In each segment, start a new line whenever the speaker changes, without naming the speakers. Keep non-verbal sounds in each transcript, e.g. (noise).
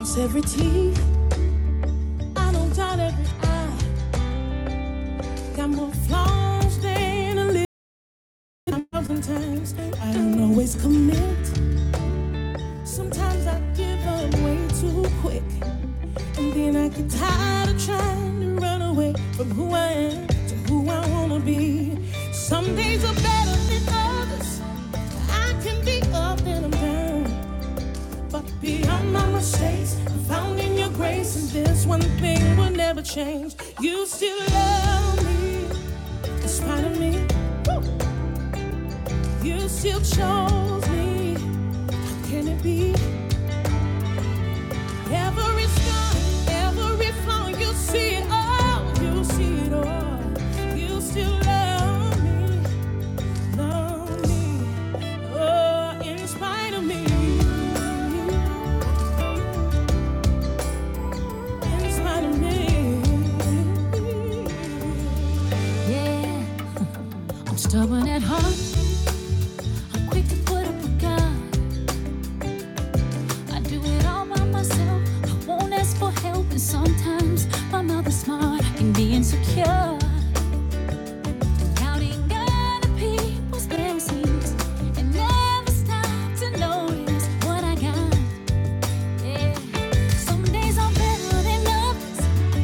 Lost every teeth, I don't doubt every eye. Got more flaws than a little thousand times. I don't always commit. Sometimes I give up way too quick. And then I get tired of trying to run away from who I am to who I wanna be. Some days are better than others. I can be up and I'm down. But beyond my mistakes, I found in your grace, and this one thing will never change. You still love me, in spite of me. You still chose me. Can it be? Every scar, every flaw, you see it all. You see it all. You still love me, love me. Oh, in spite of me. In spite of me. Yeah, I'm stubborn at heart. I'm quick to put up a gun. I do it all by myself. I won't ask for help, and sometimes my mouth is smart and be insecure. Doubting other people's blessings and never stop to notice what I got. Yeah, some days I'm better than others.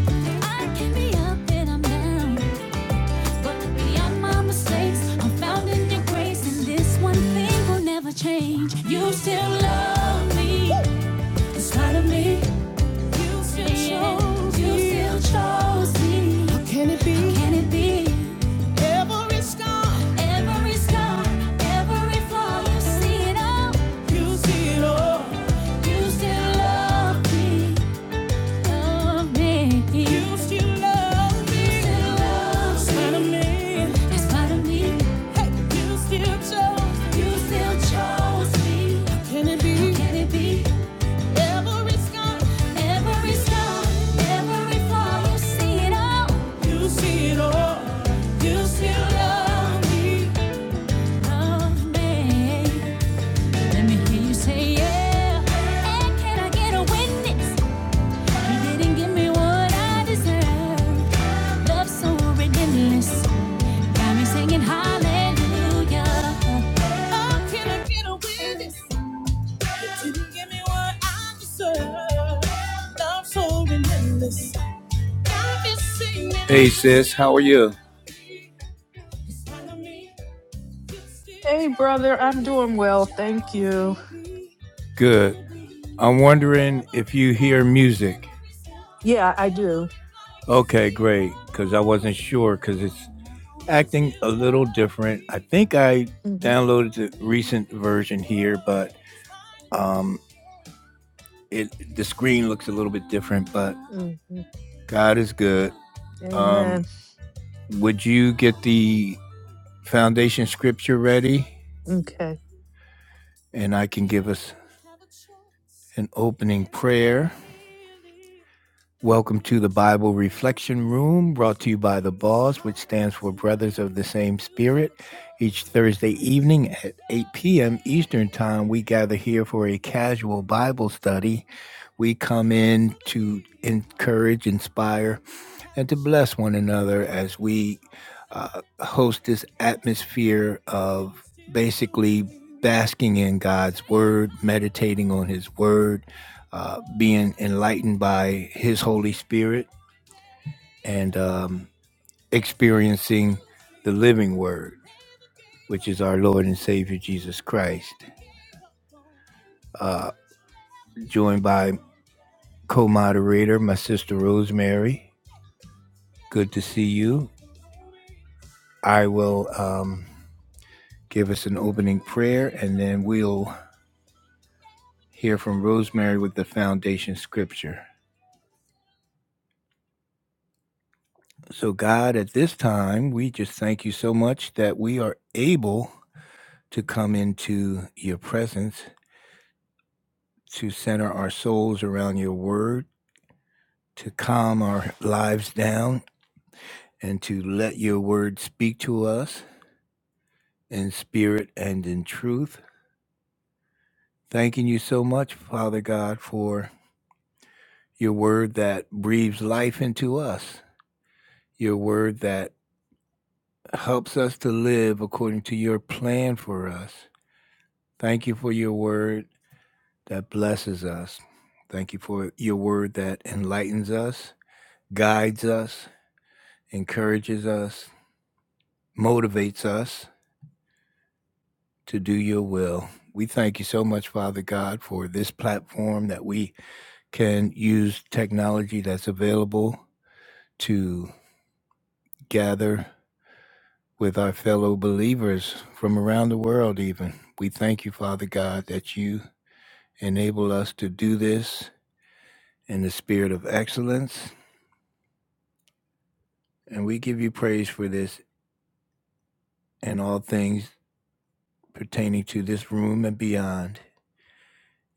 I can be up and I'm down. But beyond my mistakes, I'm found in your grace, and this one thing will never change. You still love me in spite of me. You still chose me. How can it be? How can it be? Every scar, every scar, every flaw, you see it all. You see it all. You still love me. You still love me. Hey, you still chose. You still chose me. How can it be? Every scar, every scar, every flaw, you see it all. You see it all. You still love me. Love me. Let me hear you say yeah. And can I get a witness? so Oh, so Hey sis, how are you?
Hey, brother, I'm doing well. Thank you.
Good. I'm wondering if you hear music.
Yeah, I do.
Okay, great. Because I wasn't sure because it's acting a little different. I think I
hmm
downloaded the recent version here, but um, it the screen looks a little bit different. But
hmm
God is good. Um,
Amen.
would you get the foundation scripture ready?
Okay.
and I can give us an opening prayer. Welcome to the Bible Reflection Room, brought to you by the Bos, which stands for Brothers of the Same Spirit. Each Thursday evening at 8 p.m. Eastern Time, we gather here for a casual Bible study. We come in to encourage, inspire, and to bless one another as we uh, host this atmosphere of basically basking in God's Word, meditating on His Word, uh, being enlightened by His Holy Spirit, and um, experiencing the living Word, which is our Lord and Savior Jesus Christ. Uh, joined by co moderator, my sister Rosemary. Good to see you. I will. Um, give us an opening prayer, and then we'll hear from Rosemary with the foundation scripture. So, God, at this time, we just thank you so much that we are able to come into your presence, to center our souls around your word, to calm our lives down, and to let your word speak to us in spirit and in truth. Thanking you so much, Father God, for your word that breathes life into us, your word that helps us to live according to your plan for us. Thank you for your word that blesses us. Thank you for your word that enlightens us, guides us, encourages us, motivates us to do your will. We thank you so much, Father God, for this platform that we can use technology that's available to gather with our fellow believers from around the world, even. We thank you, Father God, that you Enable us to do this in the spirit of excellence. And we give you praise for this and all things pertaining to this room and beyond.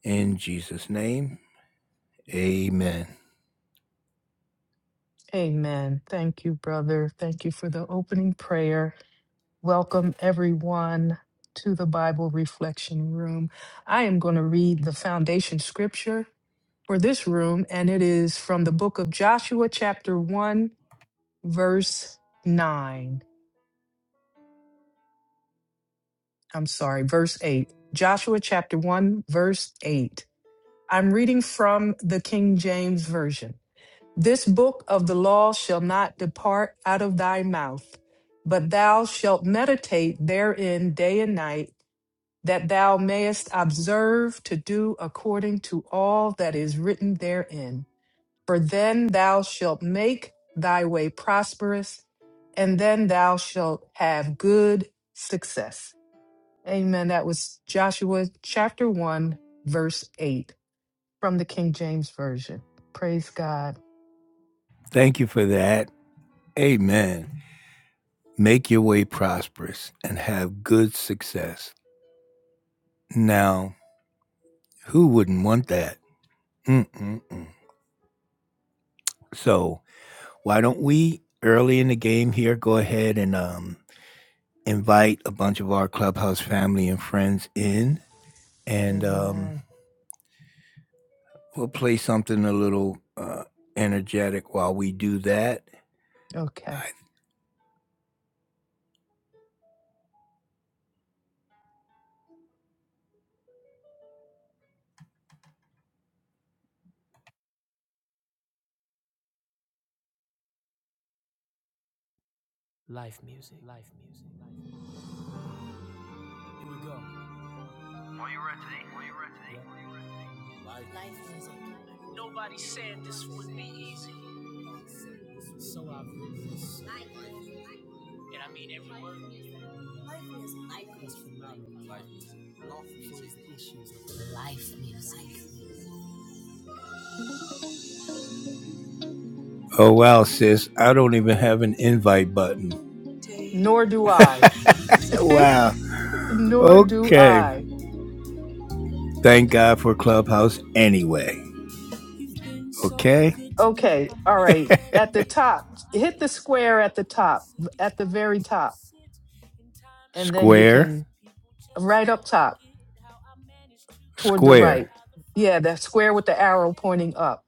In Jesus' name, amen.
Amen. Thank you, brother. Thank you for the opening prayer. Welcome, everyone, to the Bible Reflection Room. I am going to read the foundation scripture for this room, and it is from the book of Joshua, chapter 1, verse 9. I'm sorry, verse 8. Joshua, chapter 1, verse 8. I'm reading from the King James Version. This book of the law shall not depart out of thy mouth, but thou shalt meditate therein day and night, that thou mayest observe to do according to all that is written therein. For then thou shalt make thy way prosperous, and then thou shalt have good success. Amen. That was Joshua chapter 1, verse 8 from the King James Version. Praise God.
Thank you for that. Amen. Make your way prosperous and have good success. Now, who wouldn't want that? Mm-mm-mm. So, why don't we, early in the game here, go ahead and um, invite a bunch of our clubhouse family and friends in? and um,
Amen.
we'll play something a little uh, energetic while we do that.
Okay.
I, Life music. Life music. oh wow, sis, I don't even have an invite button.
Nor do I. (laughs)
Wow.
Nor do
Okay.
I.
Thank God for Clubhouse anyway. Okay.
Okay. All right. At
(laughs)
the top, hit the square at the top, at the very top. And then you
Square.
can, right up top, toward the
Square.
right. Yeah, that square with the arrow pointing up.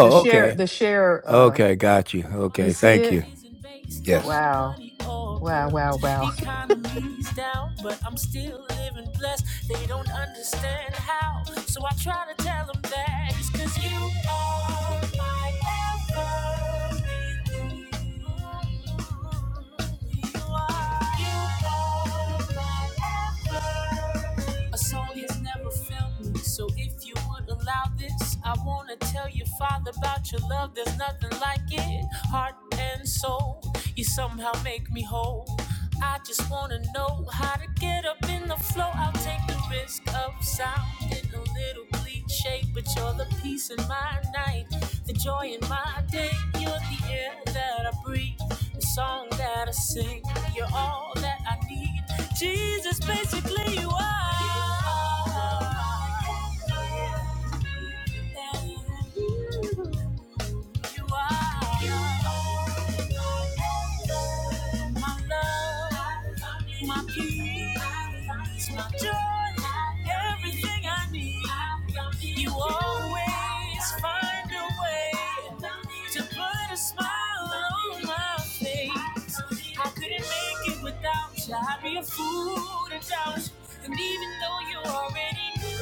The share,
okay.
the share, uh,
Okay, got you.
you
Okay,
see
thank you.
it?
Yes.
Wow. Wow, wow, wow.
Economy's down, but I'm still living blessed. They don't understand how, so I try to tell them that it's 'cause you are my everything. You are you. A song has never felt me, so if you would allow this, I wanna tell your Father about your love. There's nothing like it, heart and soul. You know I how get. joy in my day. You're the air that I breathe, the song that I sing. You're all that I need. Jesus, basically, you are. You are my everything. You are my love, my peace, my joy, everything I need. You always find a way to put a smile on my face. I couldn't make it without you. I'd be a fool to doubt you. And even though you already knew.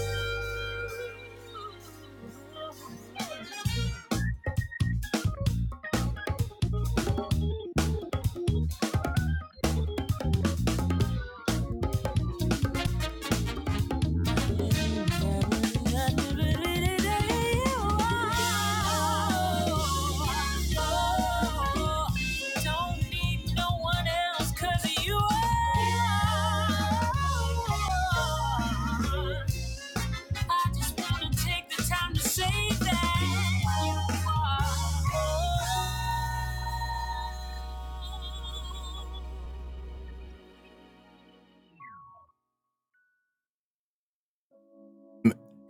no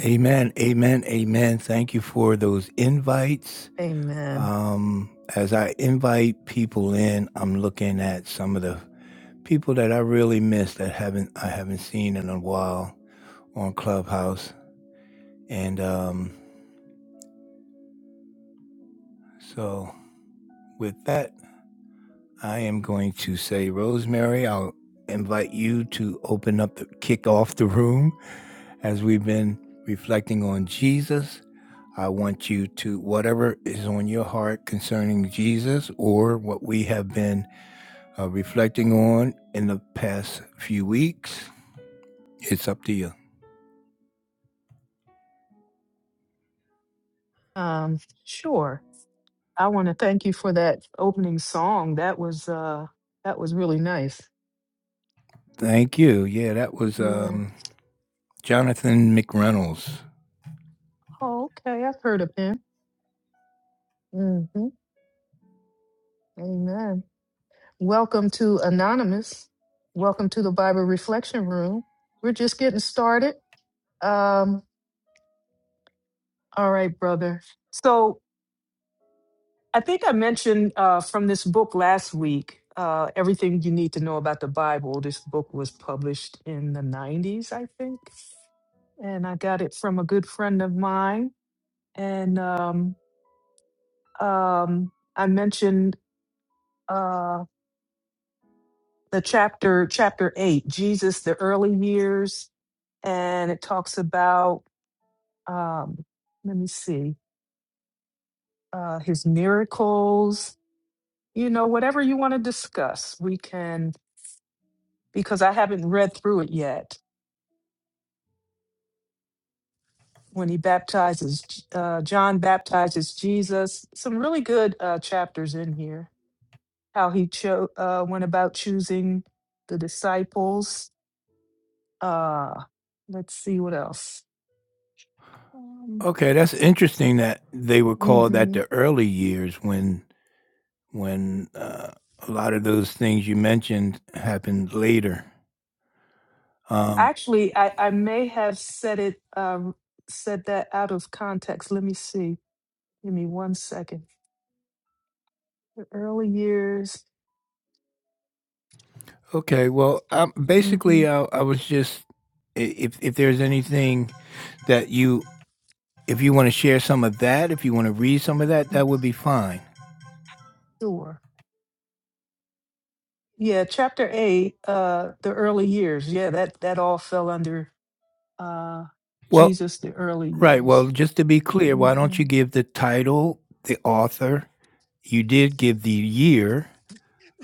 Amen, amen, amen. Thank you for those invites.
(laughs) Amen.
Um, as I invite people in, I'm looking at some of the people that I really miss that haven't I haven't seen in a while on Clubhouse. And um, so with that, I am going to say, Rosemary, I'll invite you to open up the kick off the room as we've been reflecting on Jesus. I want you to, whatever is on your heart concerning Jesus or what we have been uh, reflecting on in the past few weeks. It's up to you.
Um, sure. I want to thank you for that opening song. That was uh that was really nice.
Thank you. Yeah, that was
Yeah.
um, Jonathan McReynolds.
Oh, okay. I've heard of him. Mm-hmm. Amen. Welcome to Anonymous. Welcome to the Bible Reflection Room. We're just getting started. Um, all right, brother. So I think I mentioned uh from this book last week, uh, everything you need to know about the Bible. This book was published in the 90s, I think. And I got it from a good friend of mine and um, um, I mentioned uh, the chapter chapter eight, Jesus, the early years, and it talks about um, let me see uh, his miracles. You know, whatever you want to discuss, we can because I haven't read through it yet. When he baptizes, uh, John baptizes Jesus. Some really good uh, chapters in here. How he cho- uh, went about choosing the disciples Uh, let's see what else. Um,
Okay, that's interesting that they were called that
mhm.
the early years when when uh, a lot of those things you mentioned happened later. Um,
Actually, I, I may have said it um, said that out of context. Let me see. Give me one second. The early years.
okay, well, um,
hmm
basically, I, I was just if if there's anything that you if you want to share some of that, if you want to read some of that, that would be fine.
Sure. Yeah, chapter eight. Uh, the early years. Yeah, that that all fell under uh,
Well,
Jesus. The early
Right.
years.
Well, just to be clear, why don't
hmm
you give the title, the author? You did give the year,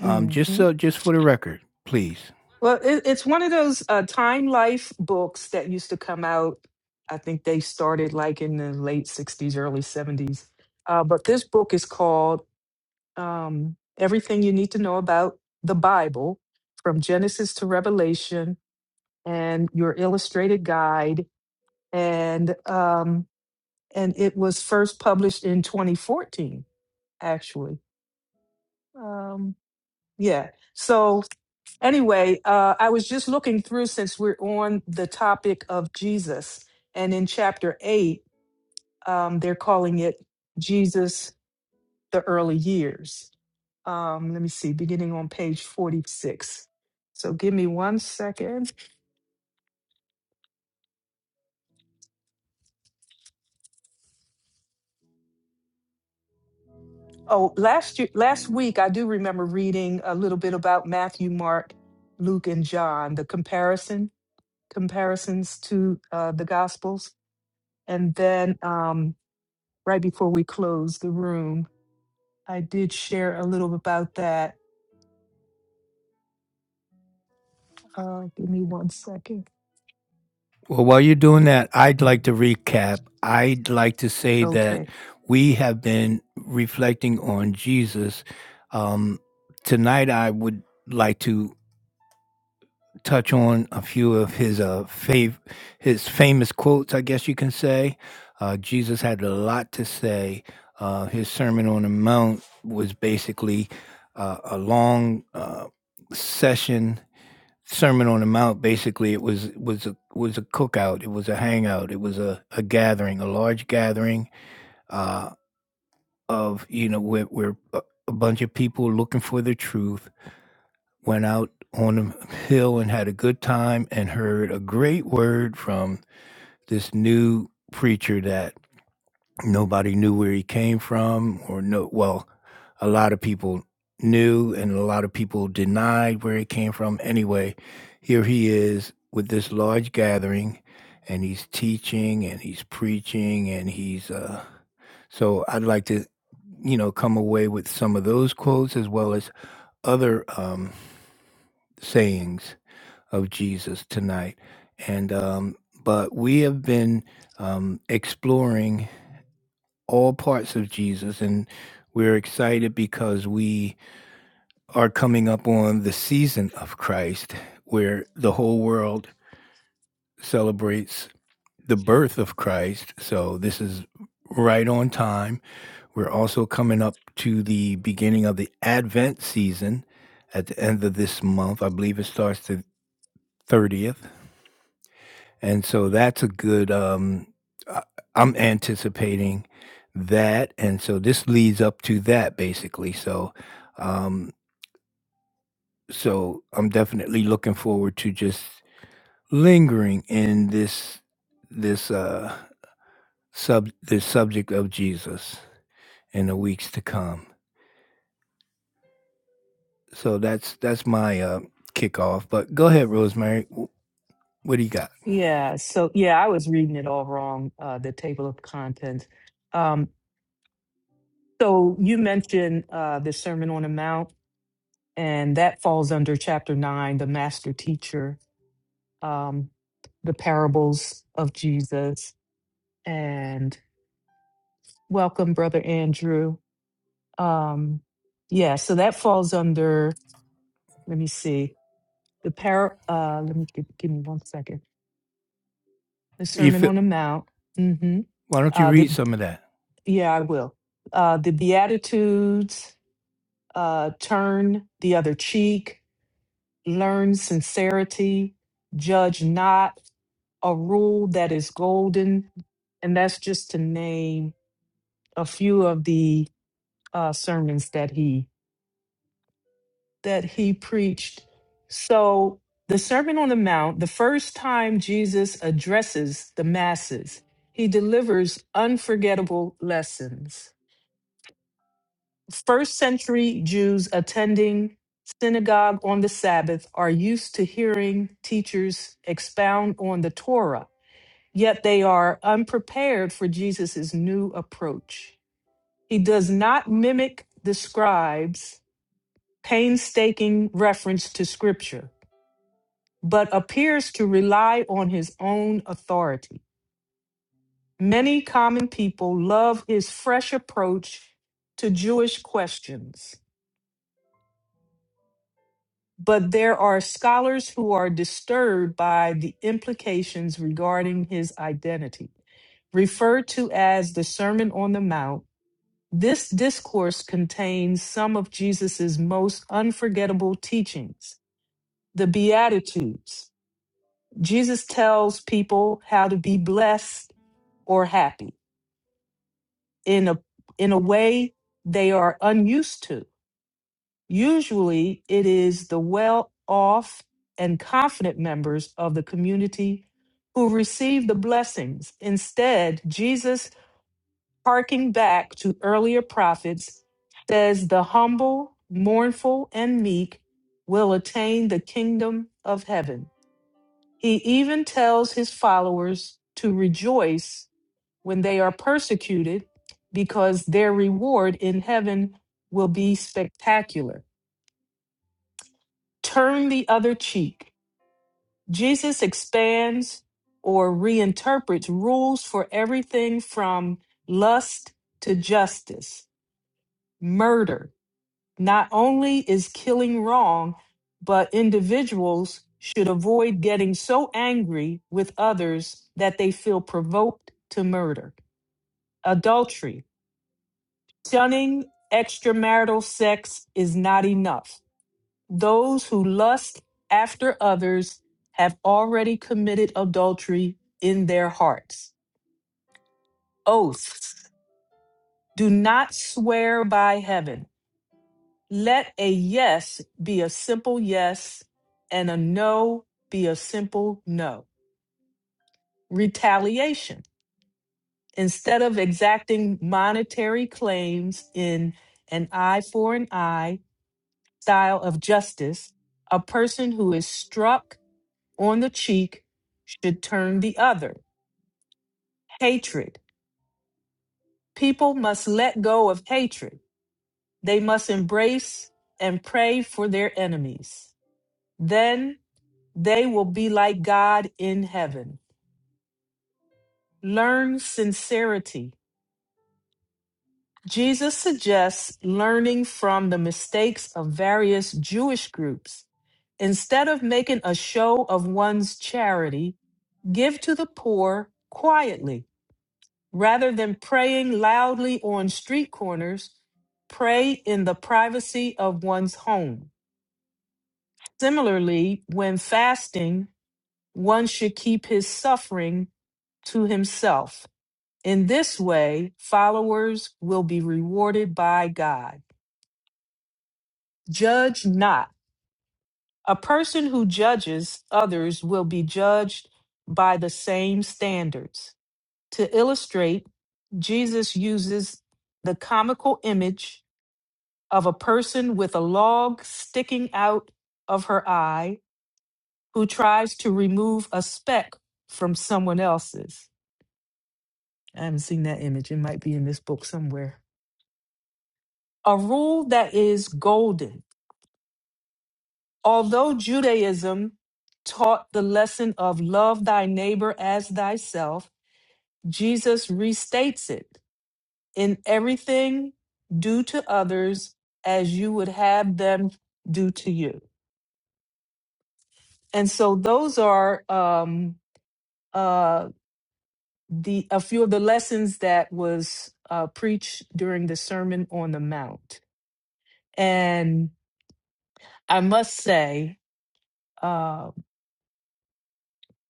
um, just so just for the record, please.
Well, it, it's one of those uh, Time Life books that used to come out. I think they started like in the late 60s, early 70s. Uh, but this book is called um, Everything You Need to Know About the Bible from Genesis to Revelation and Your Illustrated Guide. And, um, and it was first published in 2014, actually. Um, yeah. So Anyway, uh, I was just looking through since we're on the topic of Jesus, and in chapter eight, um, they're calling it Jesus the Early Years. Um, let me see, beginning on page 46. So give me one second. Oh, last year, last week, I do remember reading a little bit about Matthew, Mark, Luke, and John, the comparison comparisons to uh, the Gospels, and then um, right before we closed the room. I did share a little about that. Uh, give me one second.
Well, while you're doing that, I'd like to recap. I'd like to say that
Okay.
we have been reflecting on Jesus. Um, tonight, I would like to touch on a few of his uh fav- his famous quotes, I guess you can say. Uh, Jesus had a lot to say. Uh, his Sermon on the Mount was basically uh, a long uh, session. Sermon on the Mount basically it was was a was a cookout. It was a hangout. It was a, a gathering, a large gathering uh, of you know where, where a a bunch of people looking for the truth went out on a hill and had a good time and heard a great word from this new preacher that nobody knew where he came from or no well a lot of people knew and a lot of people denied where he came from anyway here he is with this large gathering and he's teaching and he's preaching and he's uh so i'd like to you know come away with some of those quotes as well as other um sayings of Jesus tonight. And um, but we have been um, exploring all parts of Jesus, and we're excited because we are coming up on the season of Christ, where the whole world celebrates the birth of Christ. So this is right on time. We're also coming up to the beginning of the Advent season at the end of this month. I believe it starts the 30th. And so that's a good um I- I'm anticipating that and so this leads up to that basically. So um so I'm definitely looking forward to just lingering in this this uh sub this subject of Jesus in the weeks to come. So that's that's my uh kickoff. But go ahead, Rosemary. Wh- What do you got?
Yeah. So, yeah, I was reading it all wrong, uh, the table of contents. Um, so, you mentioned uh, the Sermon on the Mount, and that falls under chapter nine, the master teacher, um, the parables of Jesus. And welcome, Brother Andrew. Um, yeah, so that falls under, let me see, the par. uh, let me give, give me one second the
You
Sermon
feel
on the Mount. hmm
why don't you
Uh,
read
the
some of that?
yeah, I will. Uh, the Beatitudes, uh, turn the other cheek, learn sincerity, judge not, a rule that is golden, and that's just to name a few of the uh, sermons that he that he preached. So, the Sermon on the Mount, the first time Jesus addresses the masses, he delivers unforgettable lessons. First century Jews attending synagogue on the Sabbath are used to hearing teachers expound on the Torah, yet they are unprepared for Jesus' new approach. He does not mimic the scribes' painstaking reference to scripture but appears to rely on his own authority. Many common people love his fresh approach to Jewish questions, but there are scholars who are disturbed by the implications regarding his identity. Referred to as the Sermon on the Mount, this discourse contains some of Jesus' most unforgettable teachings the Beatitudes, Jesus tells people how to be blessed or happy in a in a way they are unused to. Usually it is the well-off and confident members of the community who receive the blessings. Instead, Jesus harking back to earlier prophets says the humble, mournful and meek will attain the kingdom of heaven. He even tells his followers to rejoice when they are persecuted because their reward in heaven will be spectacular. Turn the other cheek. Jesus expands or reinterprets rules for everything from lust to justice, murder Not only is killing wrong, but individuals should avoid getting so angry with others that they feel provoked to murder. Adultery, shunning extramarital sex is not enough. Those who lust after others have already committed adultery in their hearts. Oaths, do not swear by heaven Let a yes be a simple yes and a no be a simple no. Retaliation. Instead of exacting monetary claims in an eye for an eye style of justice, a person who is struck on the cheek should turn the other. Hatred. People must let go of hatred. They must embrace and pray for their enemies. Then They will be like God in heaven. Learn sincerity. Jesus suggests learning from the mistakes of various Jewish groups. Instead of making a show of one's charity, give to the poor quietly. Rather than praying loudly on street corners, pray in the privacy of one's home. Similarly, when fasting, one should keep his suffering to himself. In this way, followers will be rewarded by God. Judge not. A person who judges others will be judged by the same standards. To illustrate, Jesus uses the comical image of a person with a log sticking out of her eye who tries to remove a speck from someone else's. I haven't seen that image. It might be in this book somewhere. A rule that is golden Although Judaism taught the lesson of love thy neighbor as thyself, Jesus restates it in everything, do to others as you would have them do to you. And so those are um, uh, the a few of the lessons that was uh, preached during the Sermon on the Mount. And I must say, uh,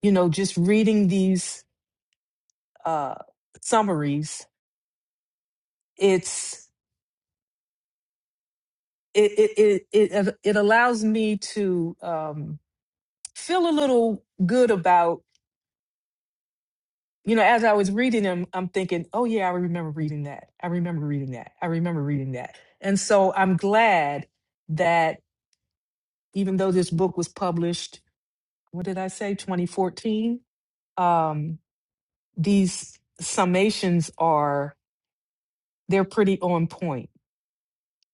you know, just reading these uh, summaries it's it it it it, uh, it allows me to um, feel a little good about you know as I was reading them, I'm thinking, oh yeah, I remember reading that. I remember reading that. I remember reading that. And so I'm glad that even though this book was published, what did I say, 2014? Um, these summations are they're pretty on point.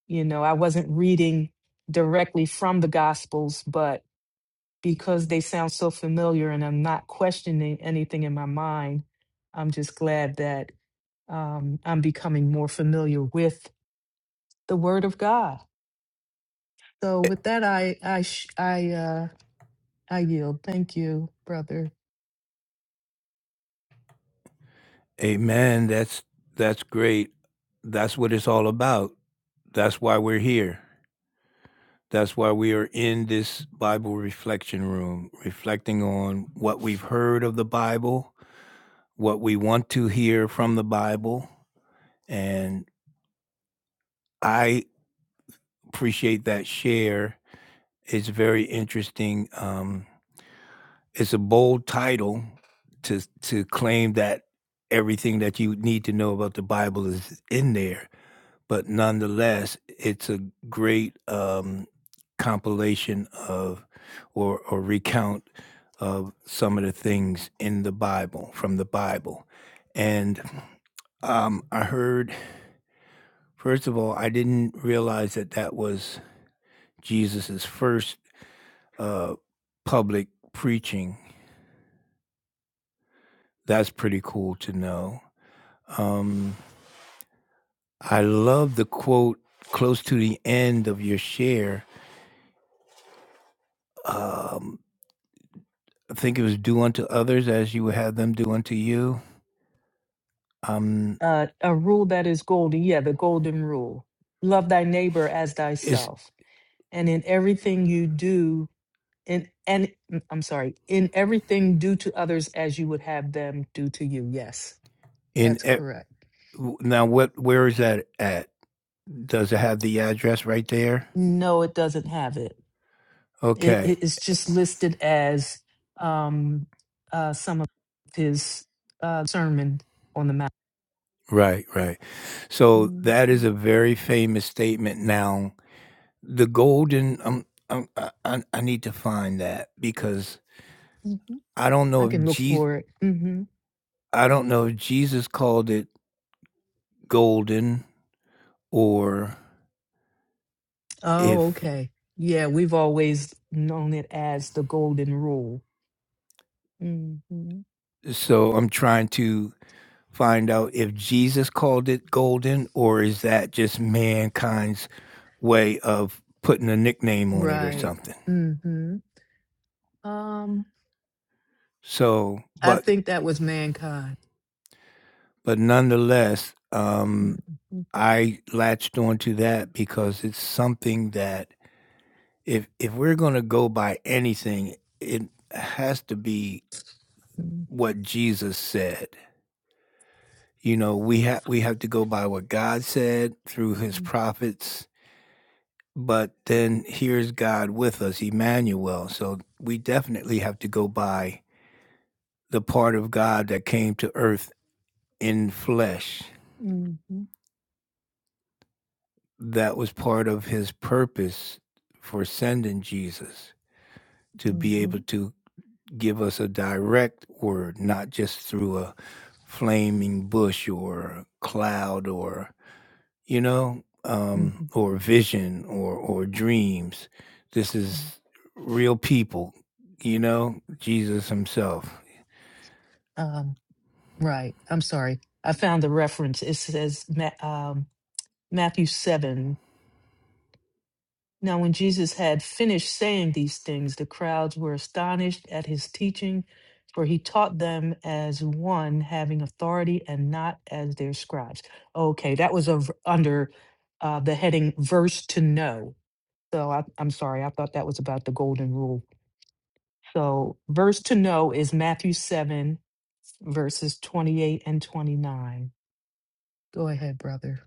You know, I wasn't reading directly from the Gospels, but. because they sound so familiar and I'm not questioning anything in my mind. I'm just glad that um, I'm becoming more familiar with the Word of God. So with that, I I sh- I uh, I yield. Thank you, brother.
Amen. That's that's great. That's what it's all about. That's why we're here. That's why we are in this Bible reflection room, reflecting on what we've heard of the Bible, what we want to hear from the Bible. And I appreciate that share. It's very interesting. Um, it's a bold title to to claim that everything that you need to know about the Bible is in there but nonetheless, it's a great um, compilation of or, or recount of some of the things in the Bible, from the Bible. And um, I heard, first of all, I didn't realize that that was Jesus's first uh, public preaching. That's pretty cool to know. Um, I love the quote close to the end of your share I think it was do unto others as you would have them do unto you. Um,
Uh, a rule that is golden. Yeah, the golden rule: love thy neighbor as
is
thyself. And in everything you do, in and mm, I'm sorry, in everything do to others as you would have them do to you. Yes,
in
that's
e-
correct.
w- now what? Where is that at? Does it have the address right there?
No, it doesn't have it. It,
Okay,
it it's just listed as um, uh, some of his uh, sermon on the mount.
right, right. So
Mhm.
that is a very famous statement. Now the golden. Um, um, I, I I need to find that because
Mhm.
I don't
I
know if
can look
Jesus.
for it. hmm
I don't know if Jesus called it golden or
Oh,
if
okay. Yeah, we've always known it as the golden rule. hmm
so. I'm trying to. find out if Jesus called it golden or is that just mankind's way of putting a nickname on it or
Right.
something.
hmm Um,
So,
I
but
think that was mankind.
but nonetheless,
hmm
um, I latched onto that because it's something that if if we're going to go by anything, it has to be
hmm
what Jesus said. You know, we have we have to go by what God said through His prophets but then here's God with us, Emmanuel. So we definitely have to go by the part of God that came to earth in flesh. That was part of his purpose for sending Jesus to be able
hmm
to give us a direct word, not just through a flaming bush or a cloud or you know, um,
hmm
or vision or or dreams. This is real people, you know, Jesus Himself.
Um, Right. I'm sorry. I found the reference. It says Ma- um, Matthew 7. Now, when Jesus had finished saying these things, the crowds were astonished at his teaching, for he taught them as one having authority and not as their scribes. Okay, that was over, under uh, the heading verse to know. So I, I'm sorry, I thought that was about the golden rule. So, verse to know is Matthew 7, verses 28 and 29. Go ahead, brother.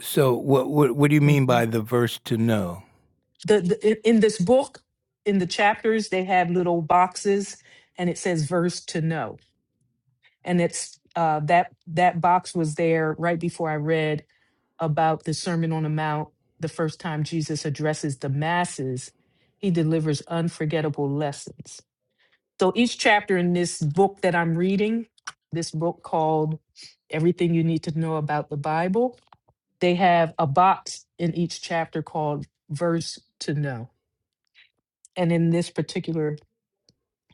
So, what what what do you mean
Mhm.
by the verse to know?
The, the in in this book, in the chapters, they have little boxes, and it says verse to know, and it's uh, that that box was there right before I read about the Sermon on the Mount. The first time Jesus addresses the masses, he delivers unforgettable lessons. So each chapter in this book that I'm reading, this book called Everything You Need to Know About the Bible, they have a box in each chapter called Verse to Know And in this particular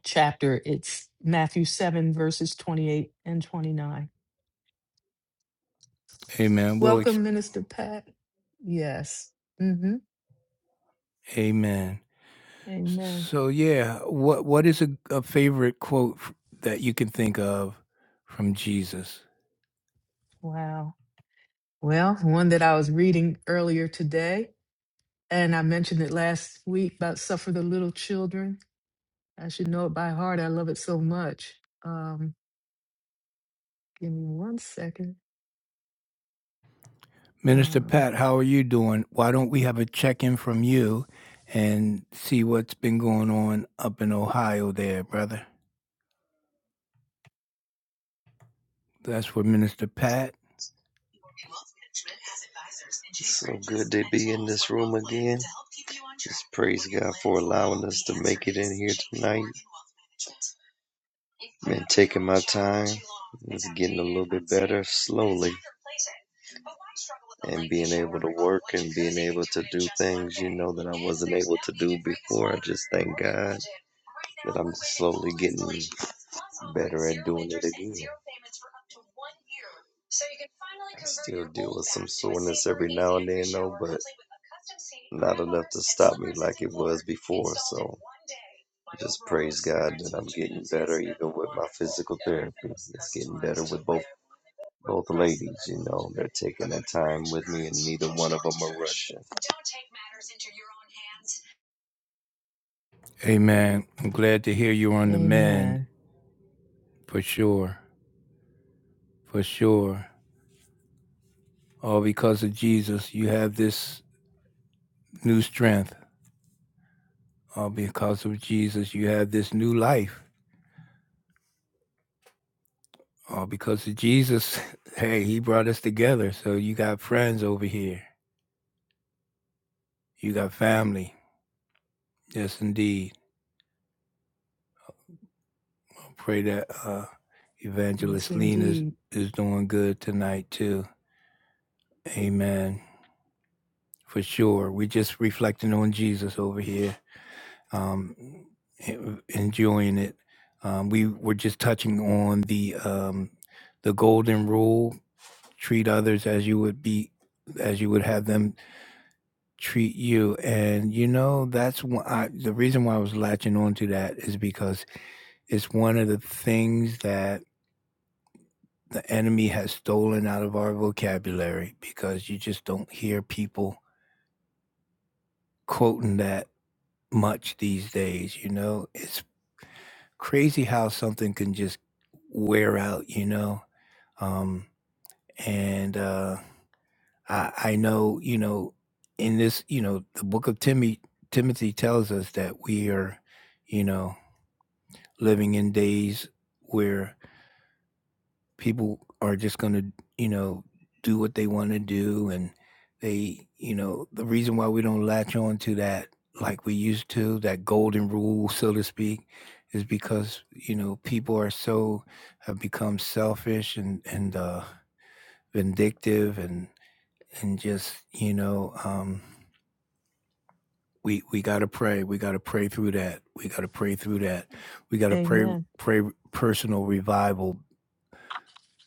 chapter, it's Matthew 7, verses 28 and 29.
Amen. We'll ex-
Welcome, Minister Pat. Yes. hmm
Amen.
Amen.
So, yeah, what what is a, a favorite quote f- that you can think of from Jesus?
Wow. Well, one that I was reading earlier today, and I mentioned it last week about Suffer the Little Children. I should know it by heart. I love it so much. Um, give me one second.
Minister
Um,
Pat, how are you doing? Why don't we have a check in from you and see what's been going on up in Ohio there, brother? That's for Minister Pat.
It's So good to be in this room again. Just praise God for allowing us to make it in here tonight. Been taking my time. It's getting a little bit better slowly. And being able to work and being able to do things, you know, that I wasn't able to do before. I just thank God that I'm slowly getting better at doing it again. So you can finally I still deal with some soreness every now and then, though, but not enough to stop me like it was before. So I just praise God that I'm getting better, even with my physical therapy. It's getting better with both both ladies. You know, they're taking their time with me, and neither one of them are rushing.
Amen. I'm glad to hear you're on the mend
amen.
for sure. For sure. All because of Jesus, you have this new strength. All because of Jesus, you have this new life. All because of Jesus, (laughs) hey, he brought us together. So you got friends over here. You got family. Yes, indeed. I pray that uh,
Yes,
Evangelist Lena is,
indeed.
is doing good tonight, too. Amen. For sure. We're just reflecting on Jesus over here. um, en- enjoying it. Um, we were just touching on the um, the golden rule: treat others as you would be as you would have them treat you. And you know that's why I, the reason why I was latching on to that is because it's one of the things that the enemy has stolen out of our vocabulary because you just don't hear people quoting that much these days. You know, it's. crazy how something can just wear out, you know. Um, and uh, I, I know, you know, in this, you know, the book of Timothy, Timothy tells us that we are, you know, living in days where people are just going to, you know, do what they want to do. And they, you know, the reason why we don't latch on to that like we used to, that golden rule, so to speak, is because, you know, people are so, have become selfish and, and, uh, vindictive and, and just, you know, um, we, we got to pray. We got to pray through that. We got to pray through that. We got to pray,
Amen.
pray personal revival,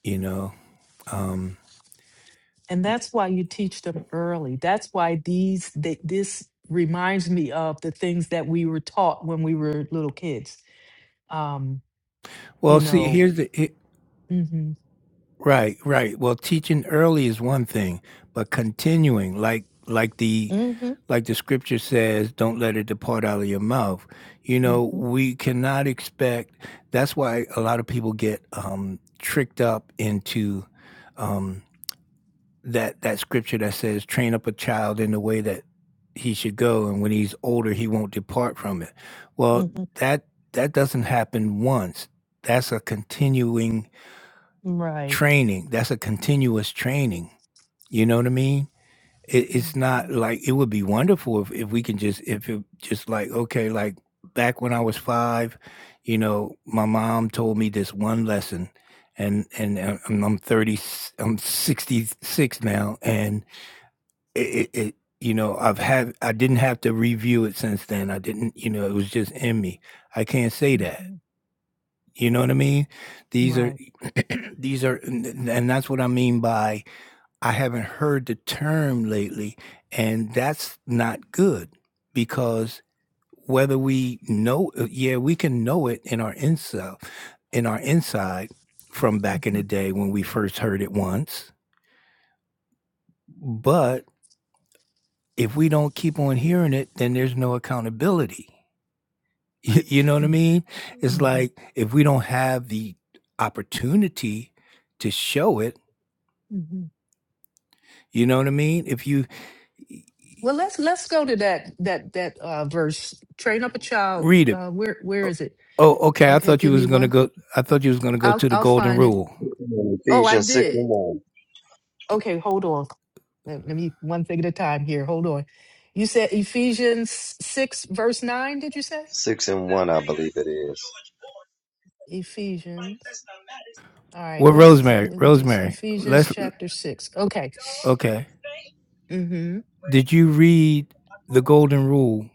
you know, um,
And that's why you teach them early. That's why these th- this reminds me of the things that we were taught when we were little kids. Um, you
Well, see,
know,
here's the it,
mm-hmm,
right, right. Well, teaching early is one thing, but continuing, like like the
mm-hmm,
like the scripture says, don't let it depart out of your mouth. You know,
mm-hmm,
we cannot expect. That's why a lot of people get um, tricked up into um, that that scripture that says train up a child in the way that he should go and when he's older he won't depart from it well
mm-hmm,
that that doesn't happen once that's a continuing
right,
training that's a continuous training you know what i mean it, it's
mm-hmm,
not like it would be wonderful if, if we can just if it just like okay like back when i was five you know my mom told me this one lesson and and uh, i'm, I'm 30 i'm 66 now and it, it, it you know i've had i didn't have to review it since then i didn't you know it was just in me i can't say that
mm-hmm,
you know what i mean these are
right.
(clears throat) these are and that's what i mean by i haven't heard the term lately and that's not good because whether we know yeah we can know it in our inside in our inside from back in
Mm-hmm,
the day when we first heard it once but if we don't keep on hearing it, then there's no accountability. (laughs) You know what I mean?
mm-hmm,
It's
mm-hmm.
like if we don't have the opportunity to show it,
mm-hmm.
you know what I mean? If you
Well, let's let's go to that that that uh, verse. Train up a child.
read it,
Uh, where where
oh,
is it?
oh, okay. I
Okay,
thought you
give me
was gonna
one.
go. I thought you was gonna go
I'll
to the
I'll
golden
find it.
rule.
Oh, I
Ephesians six
did.
and one,
Okay, hold on. Let let me one thing at a time here. Hold on. You said Ephesians 6, verse 9, did you say?
six and one, I believe it is.
Ephesians. All right,
Well,
let's,
Rosemary,
let me just
Rosemary,
Ephesians
let's.
chapter 6. Okay.
Okay,
Mm-hmm.
did you read the golden rule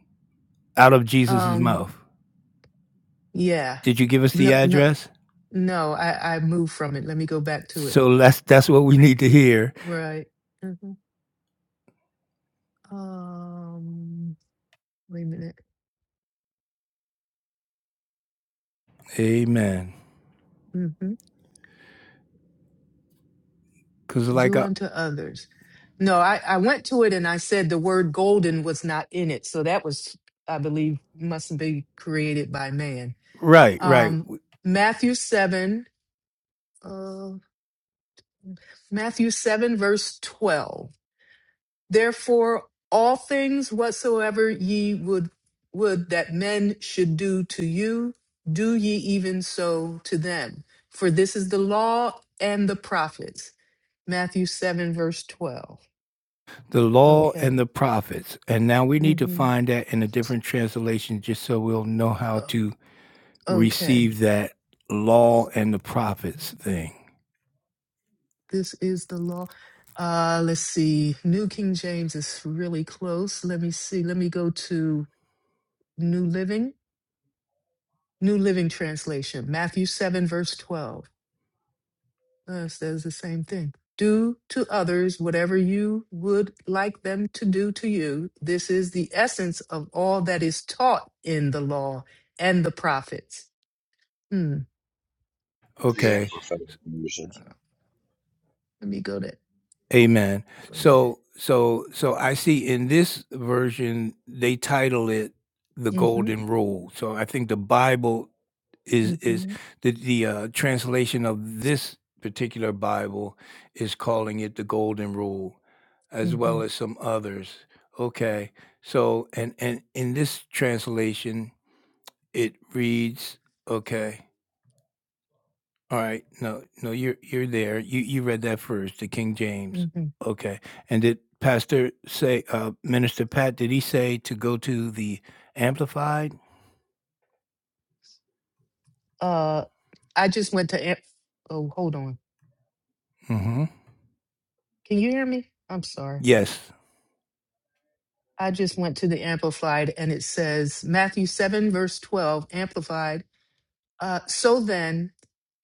out of Jesus's
Um,
mouth?
yeah.
Did you give us
No,
the
no,
address?
no, I, I moved from it. Let me go back to it.
So that's that's what we need to hear.
Right. hmm Um, wait a minute.
Amen.
Mm-hmm.
Because, like,
do
uh,
unto others. No, I, I went to it and I said the word golden was not in it. So that was, I believe, must be created by man.
right, right,
Um,
w-
Matthew 7, uh, Matthew 7, verse 12. Therefore, all things whatsoever ye would, would that men should do to you, do ye even so to them. For this is the law and the prophets. Matthew 7, verse 12.
the law
Okay.
and the prophets. And now we need to
Mm-hmm.
find that in a different translation just so we'll know how
Uh,
to
okay,
receive that law and the prophets thing.
this is the law. Uh, let's see. New King James is really close. Let me see. Let me go to New Living, New Living Translation, Matthew 7, verse 12. Uh, it says the same thing. Do to others whatever you would like them to do to you. This is the essence of all that is taught in the law and the prophets. Hmm.
The
Okay.
Amplified version.
Let me go to.
Amen.
uh,
So so so I see in this version they title it the
Mm-hmm,
golden rule. So I think the Bible is is
mm-hmm,
the the uh, translation of this particular Bible is calling it the golden rule as
mm-hmm,
well as some others. Okay. So and and in this translation it reads okay. All right. No, no, you're you're there. You you read that first, the King James.
mm-hmm.
Okay. And did Pastor say, uh, Minister Pat, did he say to go to the Amplified?
Uh, I just went to. Am- oh, hold on.
Mm-hmm.
Can you hear me? I'm sorry.
Yes.
I just went to the Amplified and it says Matthew 7, verse 12, Amplified. Uh, so then,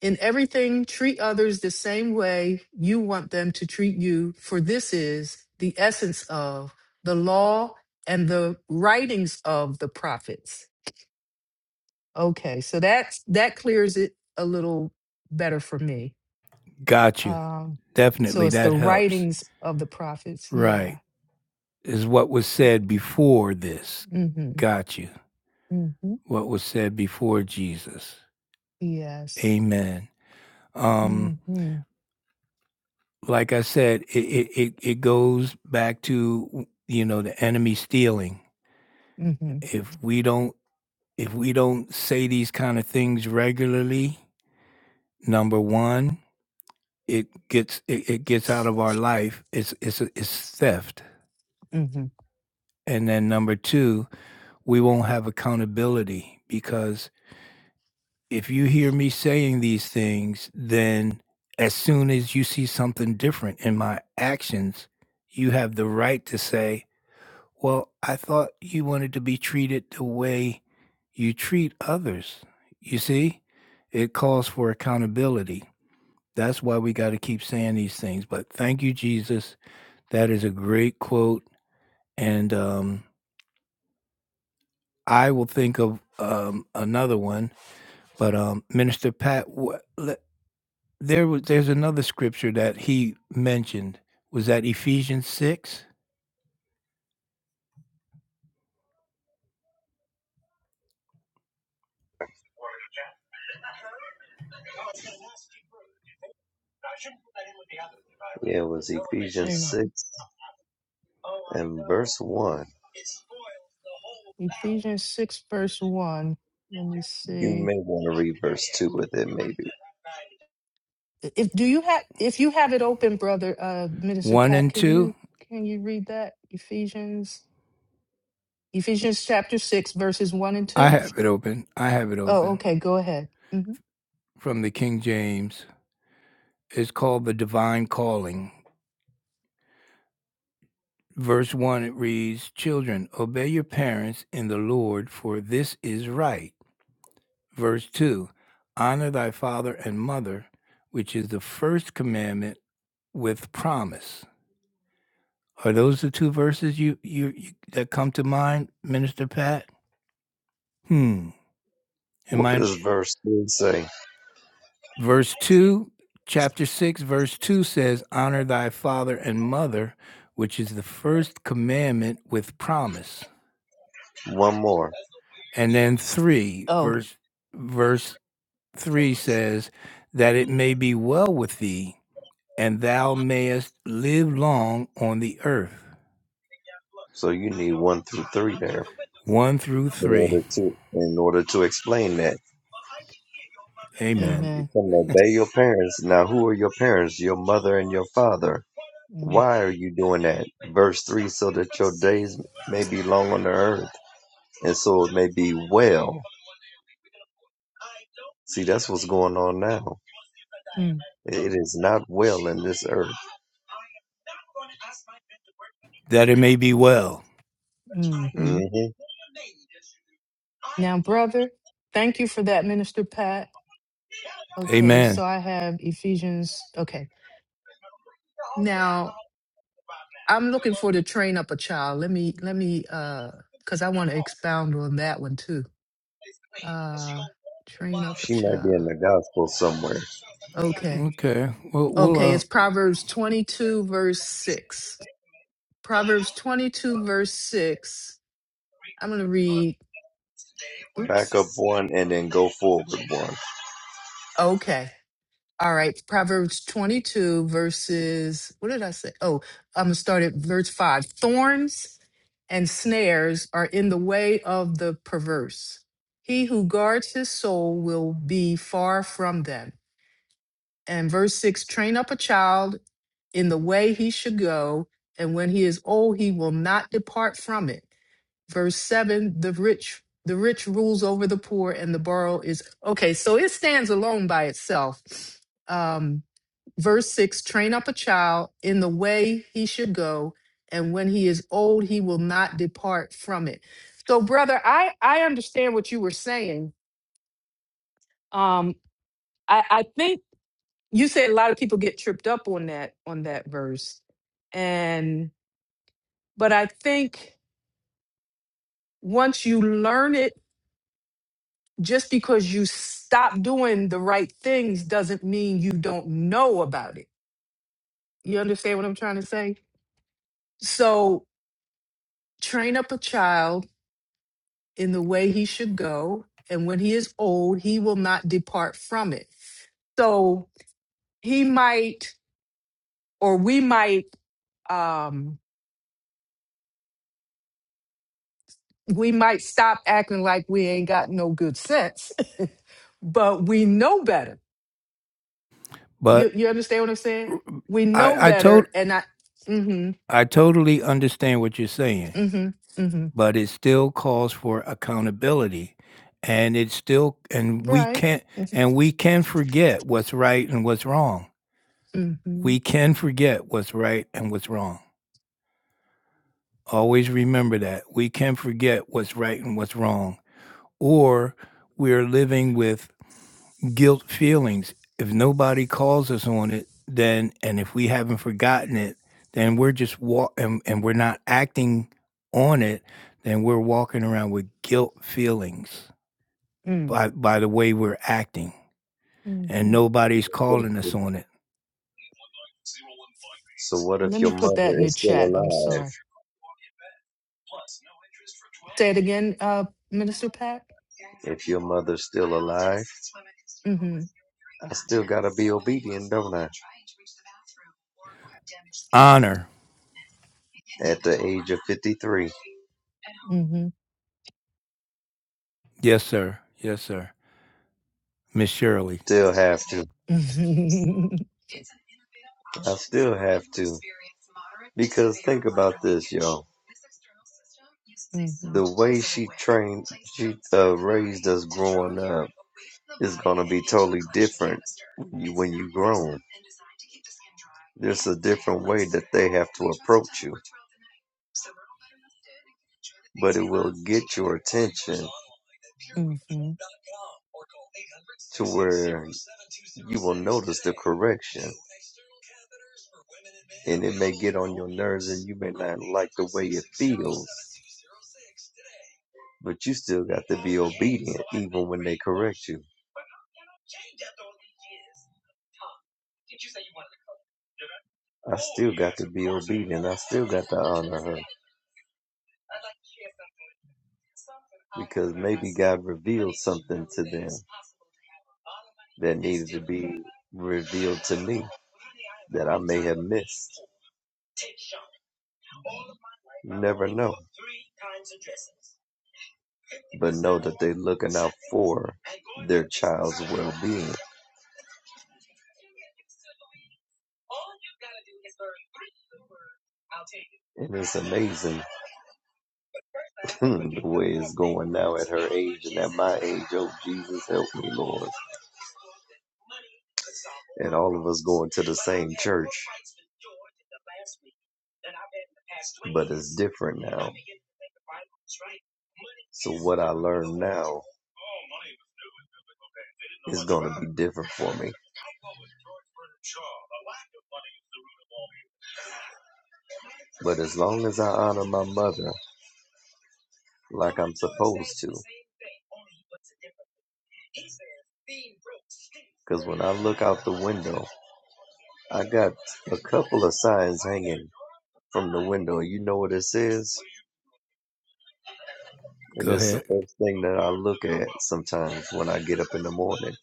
in everything, treat others the same way you want them to treat you, for this is the essence of the law and the writings of the prophets. Okay, so that's that clears it a little better for me.
Got you.
Um, so
Definitely.
it's the
That helps.
writings of the prophets. Yeah.
Right. Is what was said before this.
Mm-hmm.
Got you.
Mm-hmm.
What was said before Jesus.
Yes.
Amen. Um,
Mm-hmm.
like I said, it it, it it goes back to you know the enemy stealing.
Mm-hmm.
If we don't if we don't say these kind of things regularly, number one, it gets it, it gets out of our life. It's it's it's theft.
Mm-hmm.
And then number two, we won't have accountability because if you hear me saying these things, then as soon as you see something different in my actions, you have the right to say, Well, I thought you wanted to be treated the way you treat others. You see, it calls for accountability. That's why we got to keep saying these things. But thank you, Jesus. That is a great quote. And um, I will think of um, another one. But um, Minister Pat, wha- le- there was there's another scripture that he mentioned. Was that Ephesians 6,
Yeah, it was
Wait
Ephesians
a minute.
6 And verse 1,
Ephesians 6, verse 1. Let me
you
see.
may want to read verse 2 with it, maybe.
If do you have if you have it open, brother, uh Minister
1
Pat,
and
can
2?
you can you read that? Ephesians Ephesians chapter 6, verses 1 and
I
2.
have it open. I have it
Oh,
open
okay, go ahead. hmm
from the King James. is called the divine calling. Verse 1 it reads, Children, obey your parents in the Lord, for this is right. Verse 2 Honor thy father and mother, which is the first commandment with promise. Are those the two verses you, you, you that come to mind, Minister Pat? Hmm. Am
What
I
does verse 3 say?
verse two, chapter six, verse two says, Honor thy father and mother, which is the first commandment with promise.
One more.
And then 3
Oh,
verse verse 3 says that it may be well with thee and thou mayest live long on the earth.
So you need 1 through 3 there.
1 through
in
3.
order to in order to explain that.
Amen.
You
amen.
tell them obey your parents. Now who are your parents? Your mother and your father.
Mm-hmm.
Why are you doing that? Verse three, so that your days may be long on the earth, and so it may be well. See, that's what's going on now. It is not well in this earth.
That it may be well.
mm-hmm.
hmm
Now, brother, thank you for that, Minister Pat. Okay,
Amen.
so I have Ephesians. Okay, now I'm looking for to train up a child. Let me, let me, uh, because I want to expound on that one too. Uh, train up a
She might be
child.
in the gospel somewhere.
Okay,
Okay. Well, we'll
okay,
uh,
it's Proverbs 22, verse 6. Proverbs 22, verse 6. I'm going to read.
Back
Oops.
up one and then go forward one.
Okay. All right, Proverbs 22, verses, what did I say? Oh, I'm going to start at verse 5. Thorns and snares are in the way of the perverse. He who guards his soul will be far from them. And verse 6 train up a child in the way he should go, and when he is old, he will not depart from it. Verse 7 the rich. The rich rules over the poor, and the borrower is okay. So it stands alone by itself. Um, verse 6 train up a child in the way he should go and when he is old he will not depart from it so brother i i understand what you were saying um i i think you said a lot of people get tripped up on that on that verse and but i think once you learn it just because you stop doing the right things doesn't mean you don't know about it you understand what i'm trying to say so train up a child in the way he should go. And when he is old, he will not depart from it. So he might, or we might, um, we might stop acting like we ain't got no good sense, (laughs) but we know better. You,
but
you understand what I'm saying? We know
I I told
better. And I, mm
I totally understand what you're saying,
hmm, mm hmm, mm hmm,
but it still calls for accountability and it still and we
right.
can't and we can forget what's right and what's wrong
Mm hmm,
We can forget what's right and what's wrong. Always remember that. We can forget what's right and what's wrong. Or we're living with guilt feelings. If nobody calls us on it, then, and if we haven't forgotten it, then we're just walk and, and we're not acting on it, then we're walking around with guilt feelings by, by the way we're acting.
mm
And
hmm.
nobody's calling us on it.
So what if
Let me
your
put
mother
that in the
is still
chat. I'm
alive?
sorry. Say it again, uh, Minister Pat.
If your mother's still alive,
Mm
I still gotta be obedient, don't I?
Honor.
At the age of 53,
hmm,
Yes, sir. Yes, sir. Miss Shirley,
still have to.
mm hmm. (laughs)
I still have to. Because think about this, y'all.
Mm-hmm.
The way she trained, she uh, raised us growing up is going to be totally different when you, when you grown. There's a different way that they have to approach you. But it will get your attention
Mm-hmm.
to where you will notice the correction. And it may get on your nerves and you may not like the way it feels. But you still got to be obedient even when they correct you. I still got to be obedient. I still got to honor her. because maybe God revealed something to them that needed to be revealed to me that I may have missed. You never know. But know that they're looking out for their child's well being. And it's amazing (laughs) the way it's going now at her age and at my age. Oh, Jesus, help me, Lord. and all of us going to the same church. But it's different now. So what I learn now is going to be different for me. But as long as I honor my mother like I'm supposed to, because when I look out the window, I got a couple of signs hanging from the window. You know what it says? And
go
it's
ahead.
the first thing that I look at sometimes when I get up in the morning.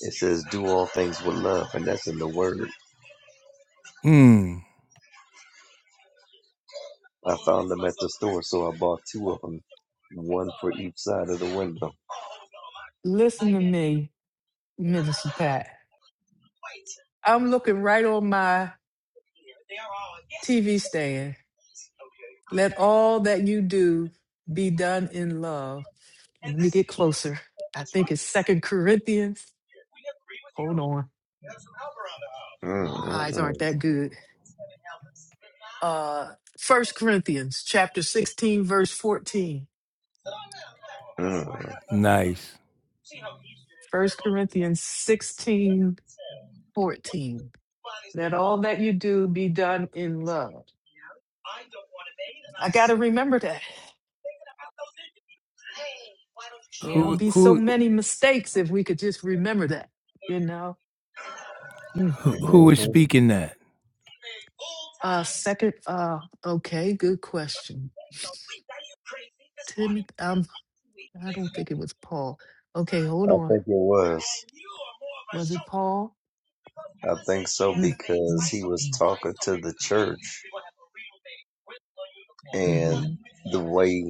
It says, Do all things with love, and that's in the word.
Mm,
I found them at the store, so I bought two of them, one for each side of the window.
Listen to me, Minister Pat. I'm looking right on my TV stand. Let all that you do be done in love. Let me get closer. I think it's Second Corinthians. Hold on.
Mm,
My eyes aren't
mm,
that good. Uh First Corinthians chapter 16, verse 14.
mm, mm.
nice.
First Corinthians 16 14. Let all that you do be done in love. I gotta remember that. There won't
Who
be so
who
many mistakes if we could just remember that, you know? Mm,
who
mm,
who is
hmm
mm.
speaking that?
Uh, second, uh, okay, good question. Timothy, um, I don't think it was Paul. Okay, hold
I
on.
think it was.
Was it Paul?
I think so
Mm,
because
mm,
he was
mm,
talking to the church and
mm-hmm,
the way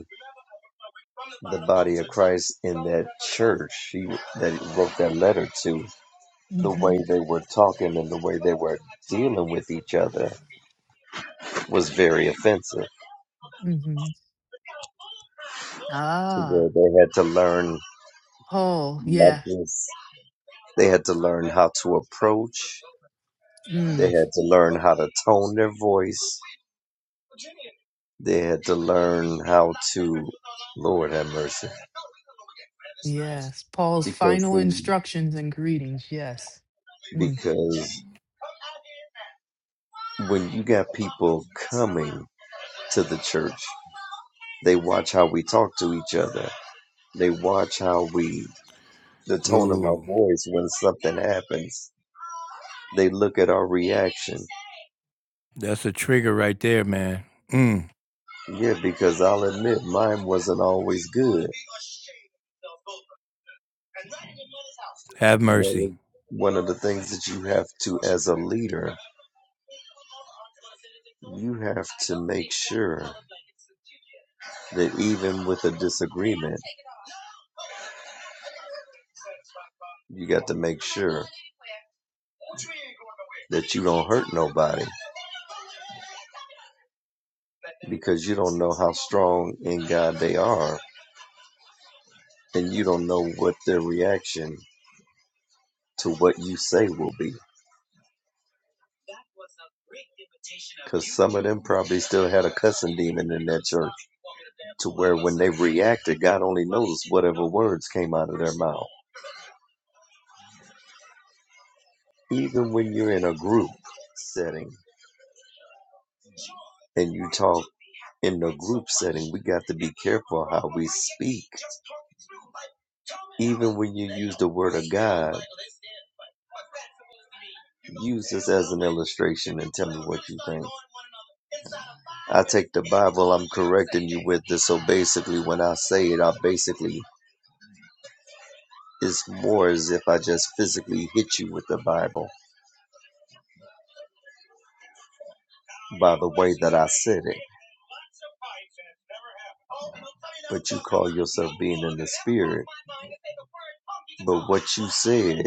the body of Christ in that church she, that he wrote that letter to, the way
mm-hmm,
they were talking and the way they were dealing with each other was very offensive
mm-hmm.
to
Ah,
where they had to learn
Paul,
not
yeah.
just they had to learn how to approach, they
Mm,
had to learn how to tone their voice, they had to learn how to Lord have mercy.
yes, Paul's
Because
final
see,
instructions and greetings, yes. Mm,
because when you got people coming to the church. They watch how we talk to each other. They watch how we, the tone of our
Ooh,
voice when something happens. They look at our reaction.
that's a trigger right there, man. Mm,
Yeah, because I'll admit mine wasn't always good.
have
And that
mercy.
was one of the things that you have to, as a leader, you have to make sure that even with a disagreement, you got to make sure that you don't hurt nobody. because you don't know how strong in God they are, and you don't know what their reaction to what you say will be. Because some of them probably still had a cussing demon in that church, to where when they reacted, God only knows whatever words came out of their mouth. Even when you're in a group setting and you talk in the group setting, we got to be careful how we speak. Even when you use the word of God, Use this as an illustration and tell me what you think. I take the Bible, I'm correcting you with this. So basically, when I say it, I basically, it's more as if I just physically hit you with the Bible by the way that I said it. But you call yourself being in the Spirit. But what you said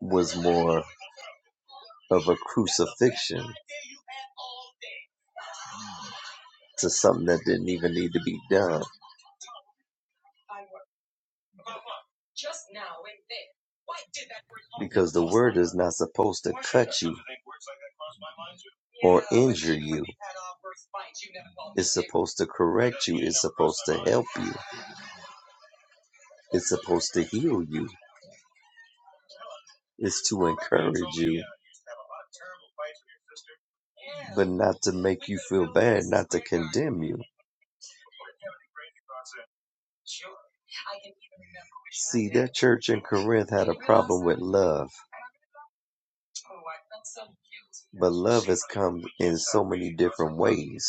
was more of a crucifixion to something that didn't even need to be done. Because the word is not supposed to cut you or injure you. It's supposed to correct you. It's supposed to help you. It's supposed to heal you. It's to encourage you, but not to make you feel bad, not to condemn you. See, that church in Corinth had a problem with love, but love has come in so many different ways.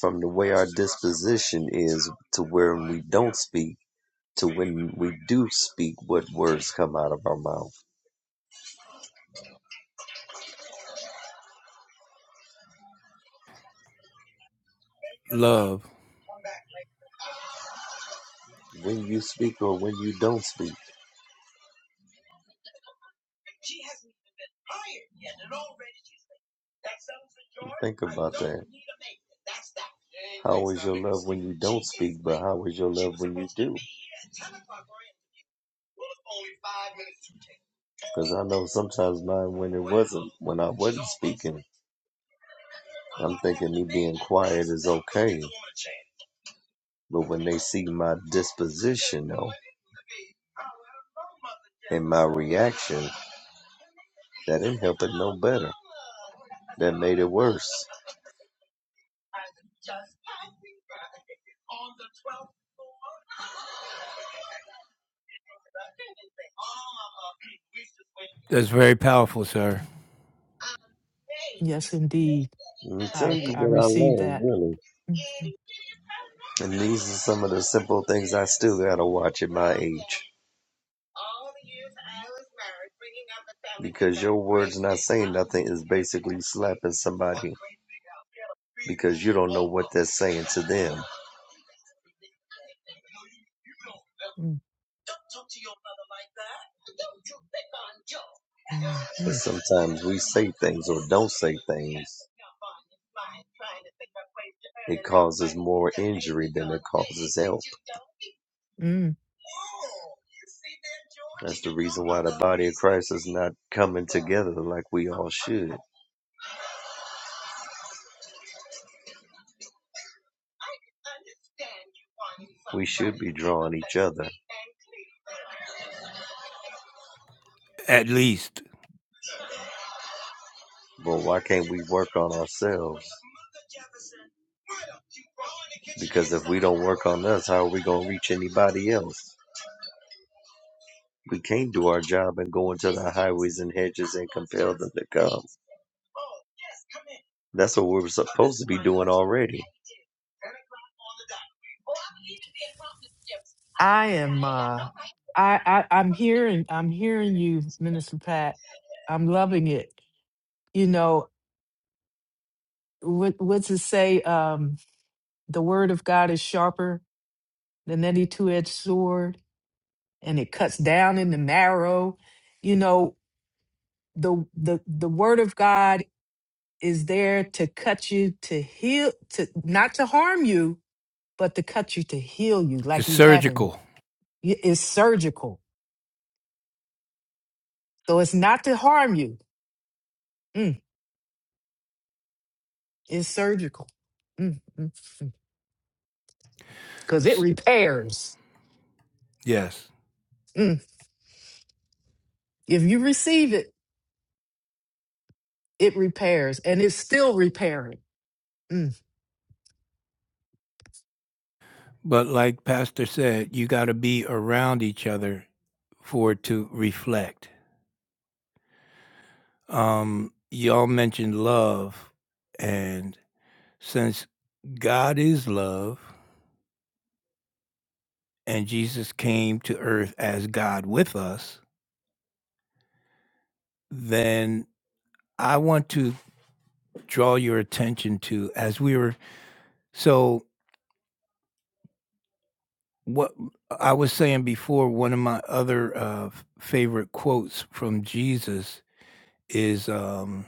From the way our disposition is to where we don't speak to when we do speak, what words come out of our mouth.
Love.
When you speak or when you don't speak. Think about that. How is your love when you don't speak, but how is your love when you do? Because I know sometimes mine when it wasn't, when I wasn't speaking, I'm thinking me being quiet is okay. But when they see my disposition, though, and my reaction. That didn't help it no better. That made it worse.
That's very powerful, sir.
yes, indeed.
Let me tell
I
you
I
what I
received
learned,
that.
really.
Mm,
And these are some of the simple things I still gotta watch at my age. Because your words not saying nothing is basically slapping somebody because you don't know what they're saying to them.
mm, mm,
Because
mm,
sometimes we say things or don't say things. It causes more injury than it causes help.
mm.
That's the reason why the body of Christ is not coming together like we all should. We should be drawing each other.
At least
But why can't we work on ourselves? Because if we don't work on us, how are we going to reach anybody else? We can't do our job and go into the highways and hedges and compel them to come. That's what we're supposed to be doing already.
I am uh I, I I'm hearing I'm hearing you, Minister Pat. I'm loving it. You know, what what's it say? Um the word of God is sharper than any two edged sword and it cuts down in the marrow. You know, the the the word of God is there to cut you to heal to not to harm you, but to cut you to heal you
it's
like you haven't.
surgical.
It's surgical. So it's not to harm you. Mm. It's surgical because it
S-
repairs.
yes,
Mm. If you receive it, it repairs and it's still repairing. Mm.
but like Pastor said, you got to be around each other for it to reflect. Um, y'all mentioned love, and since God is love, and Jesus came to earth as God with us, then I want to draw your attention to as we were so what I was saying before one of my other uh, favorite quotes from Jesus is um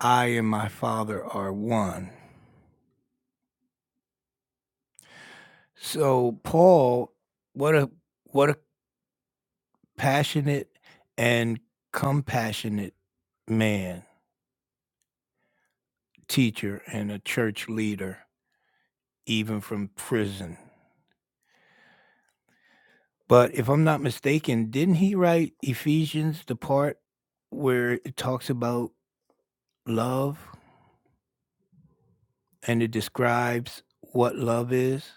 I and my Father are one. So Paul what a what a passionate and compassionate man, teacher and a church leader even from prison. But if I'm not mistaken, didn't he write Ephesians, the part where it talks about love and it describes what love is?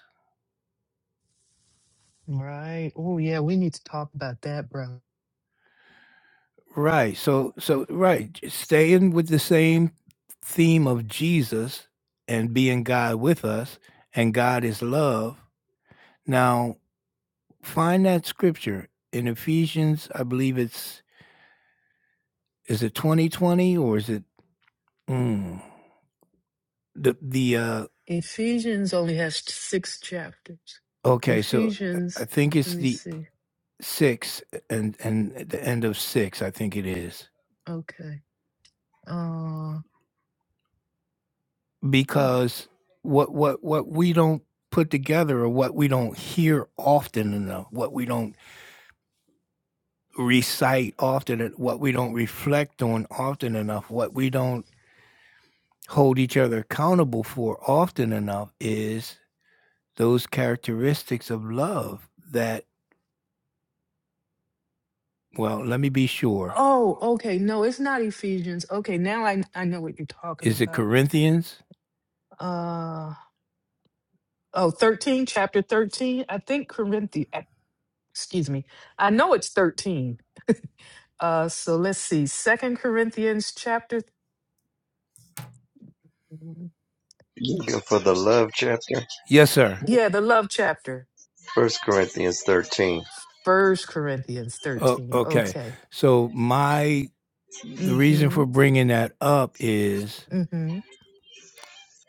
Right. Oh, yeah. We need to talk about that, bro.
Right. So so right, j- staying with the same theme of Jesus and being God with us and God is love. Now, find that scripture in Ephesians, I believe it's is it 2020 or is it mm, the the uh
Ephesians only has six chapters.
okay, so I I
Ephesians,
think
let
it's
me
the
see.
six and and at the end of six i think it is
Okay. Uh,
because what what what we don't put together or what we don't hear often enough what we don't recite often what we don't reflect on often enough what we don't hold each other accountable for often enough is those characteristics of love that well let me be sure
oh, okay. No, it's not Ephesians. Okay, now I, I know what you're talking
is it
about.
corinthians
Uh, oh, 13, chapter 13. I think Corinthians. excuse me i know it's 13 uh so let's see second corinthians chapter
Looking for the love chapter,
yes sir
yeah the love chapter
First Corinthians 13.
first corinthians
oh,
13
okay
okay
so my The reason
mm-hmm
for bringing that up is
mm-hmm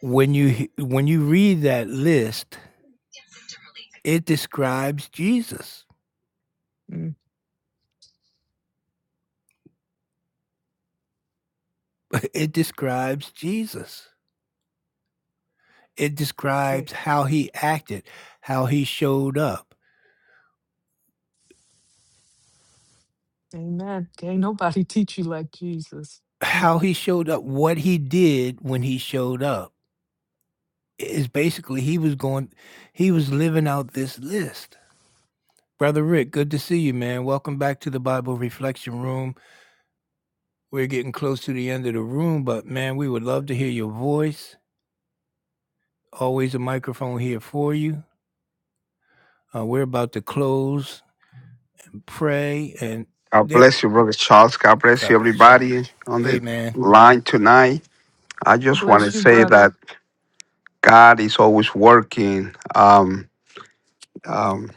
when you he- when you read that list, it describes Jesus.
mm.
(laughs) It describes Jesus. It
okay
describes how he acted, how he showed up,
amen can't nobody (laughs) teach you like jesus
how he showed up, what he did when he showed up. Is basically he was going he was living out this list. Brother Rick, good to see you, man. Welcome back to the Bible Reflection Room. We're getting close to the end of the room, but man, we would love to hear your voice. Always a microphone here for you. Uh, we're about to close, pray, and
God
there.
bless you, Brother Charles. God bless you,
God bless you.
everybody on
Hey,
the
man.
line tonight. I just want to
bless you
say
brother
that God is always working. Um, um,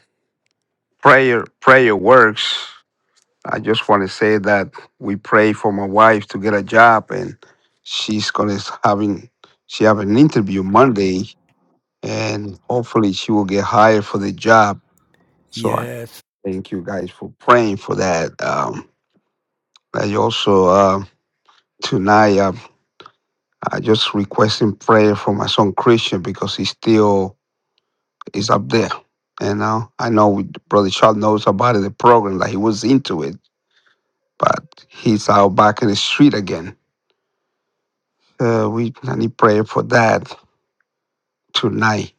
prayer, prayer works. I just want to say that we pray for my wife to get a job, and she's gonna having she have an interview Monday, and hopefully she will get hired for the job. So I
Yes.
thank you guys for praying for that. Um, I also. Uh, tonight. uh, I just requesting prayer for my son Christian because he still is up there. You know, I know we, Brother Charles knows about it, the program that he was into it, but he's out back in the street again. Uh, we I need prayer for that tonight,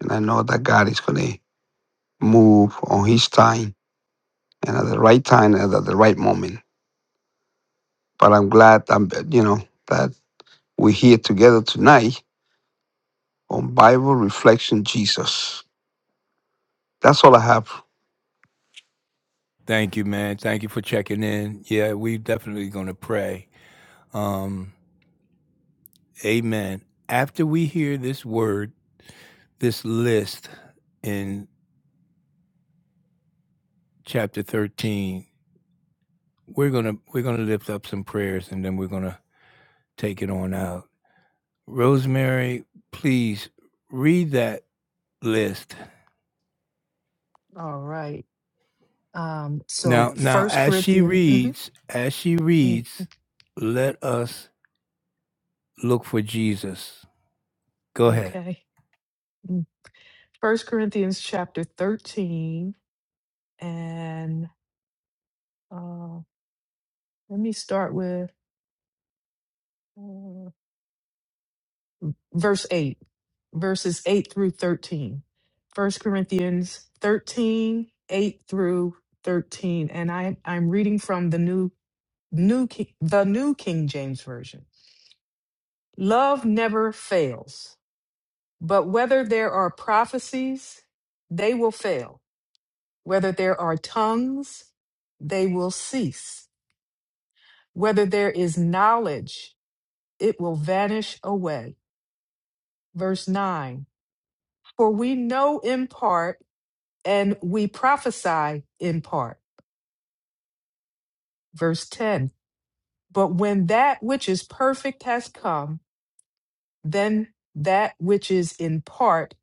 and I know that God is gonna move on His time and at the right time and at the right moment. But I'm glad I'm you know that we're here together tonight on Bible Reflection Jesus. That's all I have
Thank you, man. Thank you for checking in. Yeah, we definitely going to pray. Um, amen. After we hear this word, this list in chapter 13, we're going to we're going to lift up some prayers and then we're going to take it on out. Rosemary, please read that list.
all right um so
Now, now,
first
as she
corinthians mm-hmm,
reads, as she
mm,
reads, let us look for Jesus. Go ahead.
okay first corinthians chapter 13 and uh let me start with uh, verse 8, verses 8 through 13. 1 Corinthians 13, 8 through 13. And I, I'm reading from the new, new, Ki- the new King James Version. Love never fails, but whether there are prophecies, they will fail. Whether there are tongues, they will cease. Whether there is knowledge, it will vanish away. Verse 9 For we know in part and we prophesy in part. Verse 10 But when that which is perfect has come, then that which is in part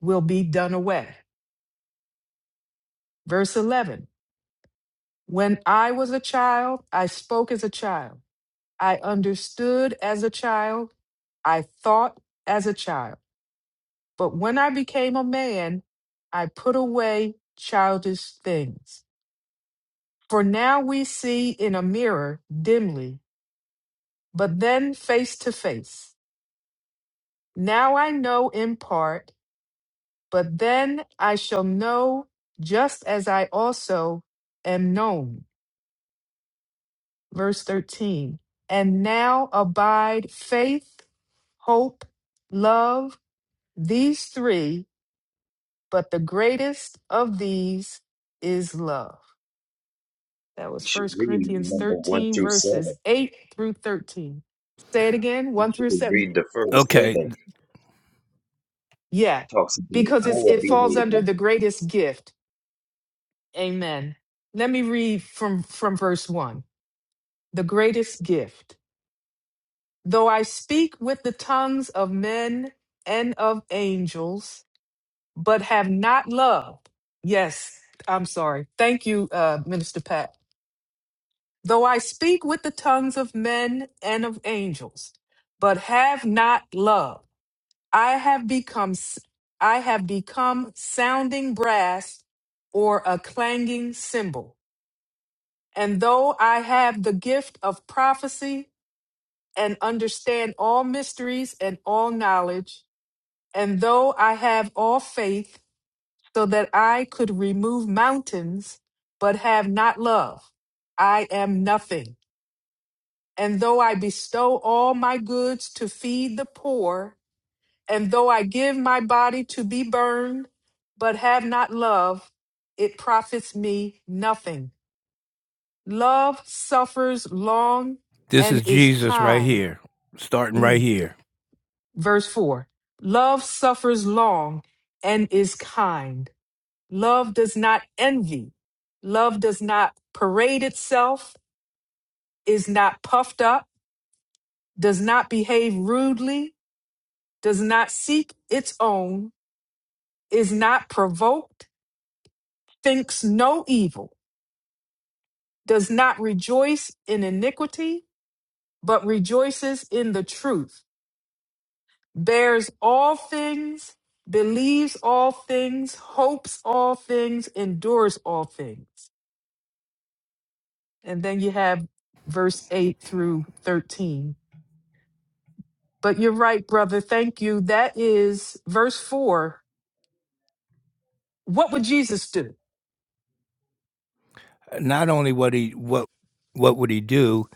will be done away. Verse 11 When I was a child, I spoke as a child, I understood as a child, I thought as a child. But when I became a man, I put away childish things. For now we see in a mirror dimly but then face to face. Now I know in part, but then I shall know just as I also am known. Verse 13. And now abide faith, hope, love, these three, but the greatest of these is love. That
You
was
should
First
read
Corinthians
number 1
13,
through
verses
7.
8 through 13. Say it again, 1 through
you
7.
read the first
Okay,
seven,
Yeah,
talks
because
about
it's,
our
it falls
behavior.
under the greatest gift Amen. Let me read from, from verse 1. The greatest gift. Though I speak with the tongues of men and of angels, but have not love. Yes, I'm sorry. Thank you, uh, Minister Pat. Though I speak with the tongues of men and of angels, but have not love, I have become s- I have become sounding brass or a clanging cymbal. And though I have the gift of prophecy and understand all mysteries and all knowledge, and though I have all faith so that I could remove mountains, but have not love, I am nothing. And though I bestow all my goods to feed the poor, and though I give my body to be burned, but have not love, it profits me nothing. Love suffers long
this
and
is
is
Jesus right
kind.
here, starting right
Mm.
here.
Verse 4 Love suffers long and is kind. Love does not envy. Love does not parade itself, is not puffed up, does not behave rudely, does not seek its own, is not provoked, thinks no evil, does not rejoice in iniquity, but rejoices in the truth bears all things, believes all things, hopes all things, endures all things. And then you have verse 8 through 13. But you're right, brother. Thank you. That is verse 4. What would Jesus do?
Not only what he what what would he do?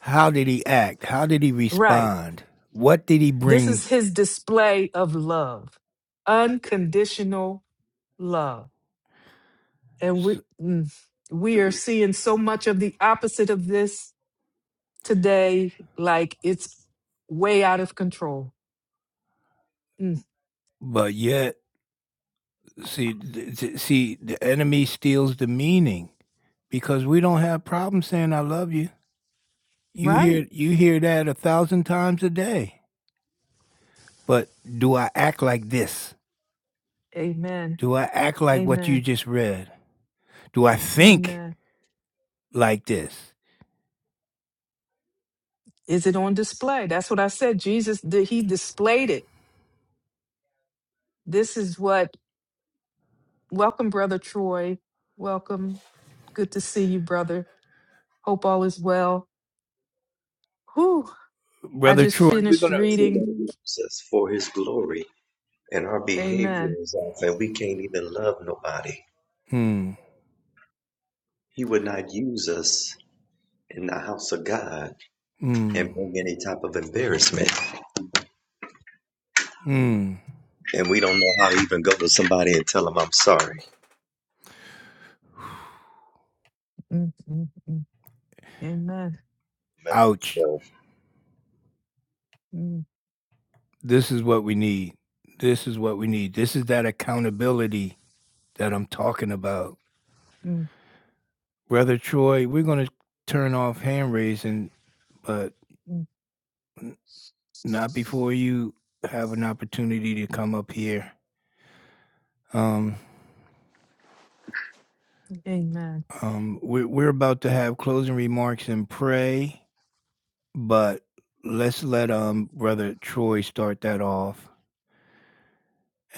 How did he act? How did he
Right.
respond? What did he
This is
bring?
his display of love, unconditional love. And we, mm, we are seeing so much of the opposite of this today like it's way out of control. Mm,
But yet See, th- th- see, the enemy steals the meaning because we don't have problems saying "I love you." You
Right.
hear you hear that a thousand times a day. But do I act like this?
Amen.
Do I act like what you
Amen.
just read? Do I think
Amen.
like this,
Is it on display? That's what I said. Jesus, did he displayed it. This is what, welcome, Brother Troy. Welcome. Good to see you, brother. Hope all is well. Whew. I
brother
just
Troy? We're
finished
gonna.
Says
reading.
for his glory, and our behavior
Amen.
is off, and we can't even love nobody.
Hmm.
He would not use us in the house of God
Hmm.
and bring any type of embarrassment.
Hmm.
And we don't know how to even go to somebody and tell them, I'm sorry.
Mm, mm, mm. Amen.
Ouch.
So,
Mm,
This is what we need. This is what we need. This is that accountability that I'm talking about,
mm,
brother Troy. We're gonna turn off hand raising but
mm.
n- not before you have an opportunity to come up here. Um,
Amen.
um, we're we're about to have closing remarks and pray, but let's let um brother Troy start that off,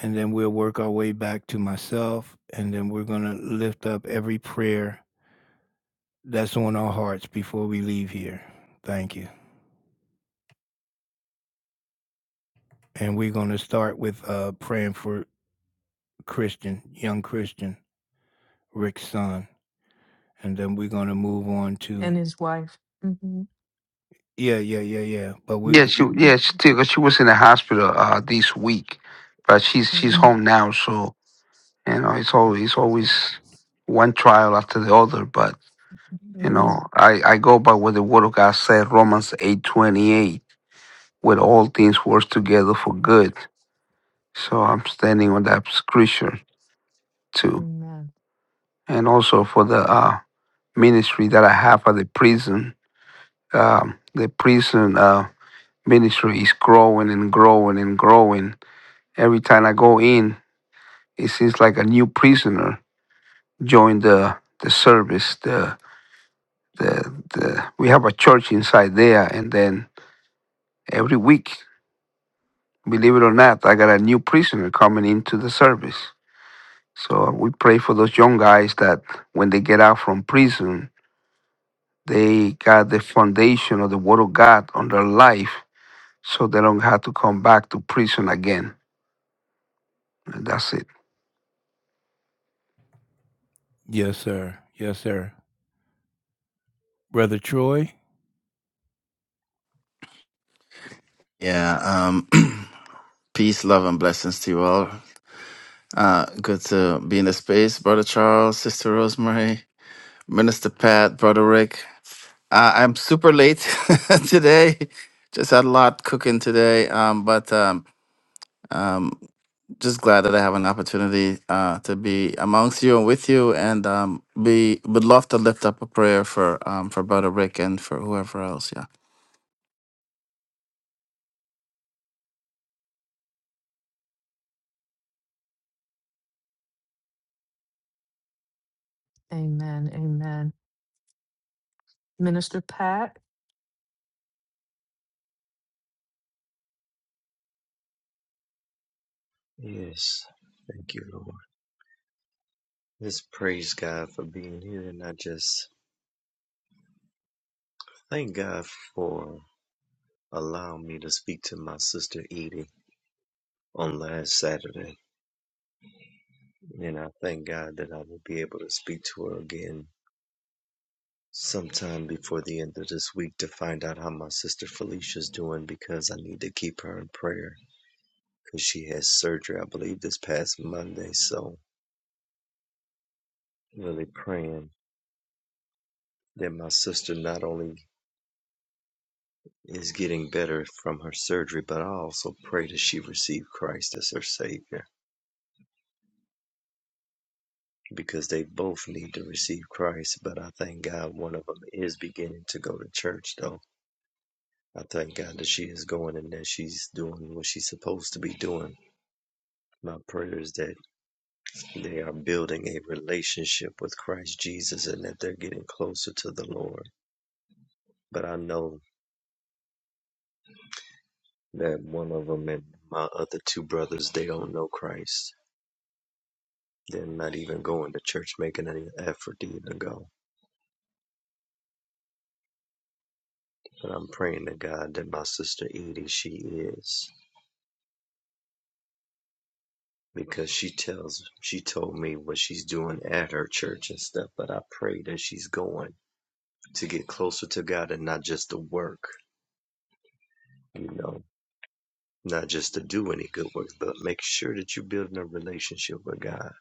and then we'll work our way back to myself, and then we're gonna lift up every prayer that's on our hearts before we leave here. Thank you, and we're gonna start with uh praying for Christian, young Christian, Rick's son, and then we're gonna move on to
And his wife. hmm
Yeah, yeah, yeah, yeah. But we,
Yeah, she yeah, she, too, 'cause she was in the hospital uh this week, but she's
hmm
she's Mm. home now. So you know, it's always it's always one trial after the other. But you Mm.
Yes.
know, I I go by what the Word of God said, Romans eight twenty eight, where all things work together for good. So I'm standing on that scripture too,
Amen.
and also for the uh ministry that I have at the prison. Um, the prison uh ministry is growing and growing and growing every time I go in. It seems like a new prisoner joined the the service. The the the we have a church inside there, and then every week, believe it or not, I got a new prisoner coming into the service. So we pray for those young guys that when they get out from prison, they got the foundation of the Word of God on their life, so they don't have to come back to prison again. And that's it.
yes, sir. Yes, sir. Brother Troy?
Yeah. Um, (clears throat) peace, love, and blessings to you all. Uh, good to be in the space, Brother Charles, Sister Rosemary, Minister Pat, Brother Rick. Uh, I'm super late (laughs) today. Just had a lot cooking today, um, but um, um, just glad that I have an opportunity uh, to be amongst you and with you, and um, be would love to lift up a prayer for um, for Brother Rick and for whoever else. Yeah.
Amen. Amen. Minister Pat.
Yes, thank you, Lord. Let's praise God for being here, and I just thank God for allowing me to speak to my sister Edie. on last Saturday, and I thank God that I will be able to speak to her again sometime before the end of this week to find out how my sister Felicia's doing because I need to keep her in prayer because she has surgery, I believe, this past Monday. So, really praying that my sister not only is getting better from her surgery, but I also pray that she receive Christ as her Savior because they both need to receive Christ. But I thank God one of them is beginning to go to church, though I thank God that she is going and that she's doing what she's supposed to be doing. My prayer is that they are building a relationship with Christ Jesus and that they're getting closer to the Lord. But I know that one of them and my other two brothers, they don't know Christ. They're not even going to church, making any effort to even go. But I'm praying to God that my sister Edie, she is, because she tells, she told me what she's doing at her church and stuff. But I pray that she's going to get closer to God and not just to work, you know, not just to do any good work, but make sure that you're building a relationship with God.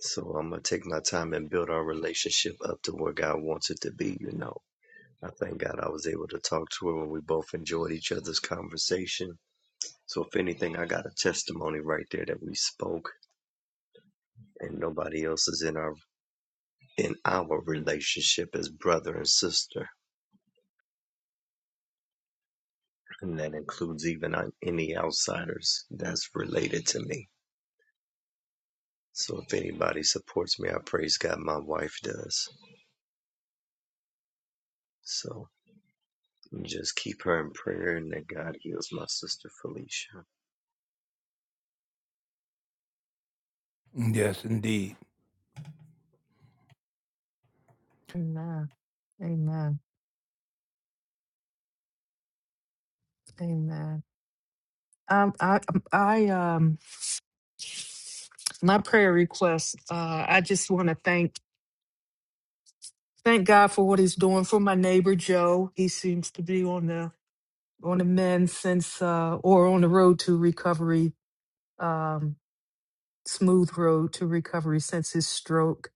So I'm going to take my time and build our relationship up to where God wants it to be, you know. I thank God I was able to talk to her when we both enjoyed each other's conversation. So if anything, I got a testimony right there that we spoke and nobody else is in our in our relationship as brother and sister. And that includes even uh, any outsiders that's related to me. So if anybody supports me, I praise God. My wife does. So just keep her in prayer and that God heals my sister Felicia.
Mm, Yes, indeed.
Amen. Amen. Amen. Um, I, um, I, um, my prayer request. Uh, I just want to thank thank God for what He's doing for my neighbor Joe. He seems to be on the on the mend since, uh, or on the road to recovery. Um, smooth road to recovery since his stroke.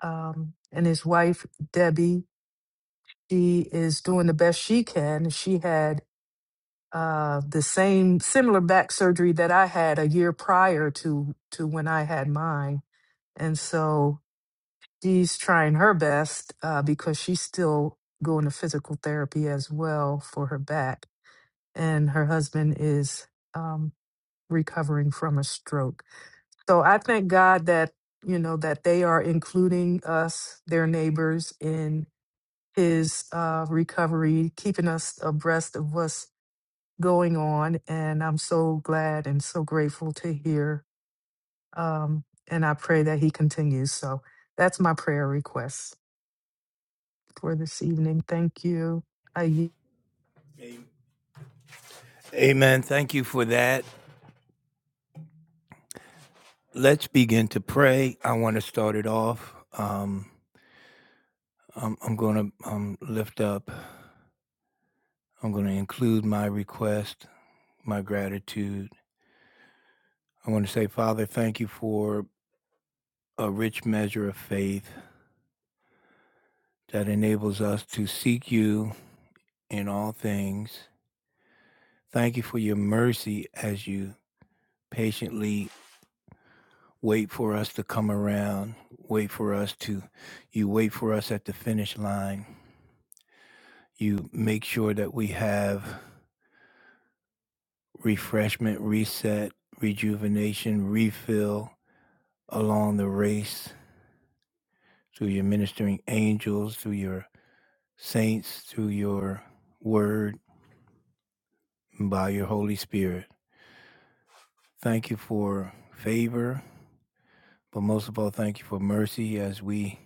Um, and his wife Debbie. She is doing the best she can. She had uh, the same similar back surgery that I had a year prior to to when I had mine, and so she's trying her best uh, because she's still going to physical therapy as well for her back, and her husband is um, recovering from a stroke. So I thank God that you know that they are including us, their neighbors, in his uh, recovery, keeping us abreast of what's going on. And I'm so glad and so grateful to hear. Um, and I pray that he continues. So that's my prayer request for this evening. Thank you. I y-
Amen. Thank you for that. Let's begin to pray. I want to start it off. Um, I'm, I'm going to um, lift up, I'm going to include my request, my gratitude. I want to say, Father, thank you for a rich measure of faith that enables us to seek you in all things. Thank you for your mercy as you patiently wait for us to come around, wait for us to, you wait for us at the finish line. You make sure that we have refreshment, reset, rejuvenation, refill along the race through your ministering angels, through your saints, through your word, and by your Holy Spirit. Thank you for favor, but most of all, thank you for mercy as we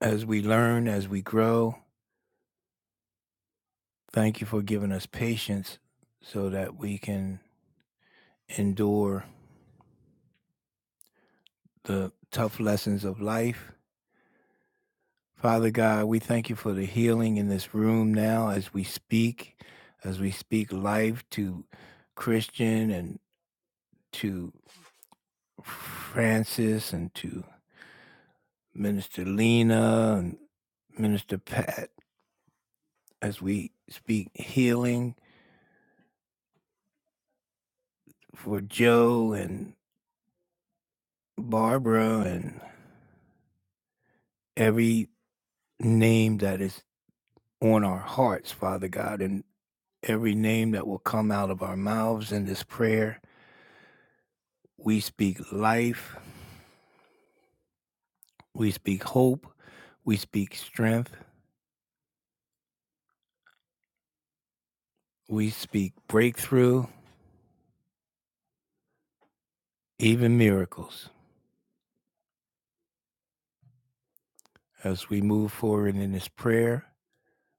as we learn, as we grow, Thank you for giving us patience so that we can endure the tough lessons of life. Father God, we thank you for the healing in this room now as we speak, as we speak life to Christian and to Francis and to Minister Lena and Minister Pat, as we speak healing for Joe and Barbara and every name that is on our hearts, Father God, and every name that will come out of our mouths in this prayer. We speak life, we speak hope, we speak strength, we speak breakthrough, even miracles. As we move forward in this prayer,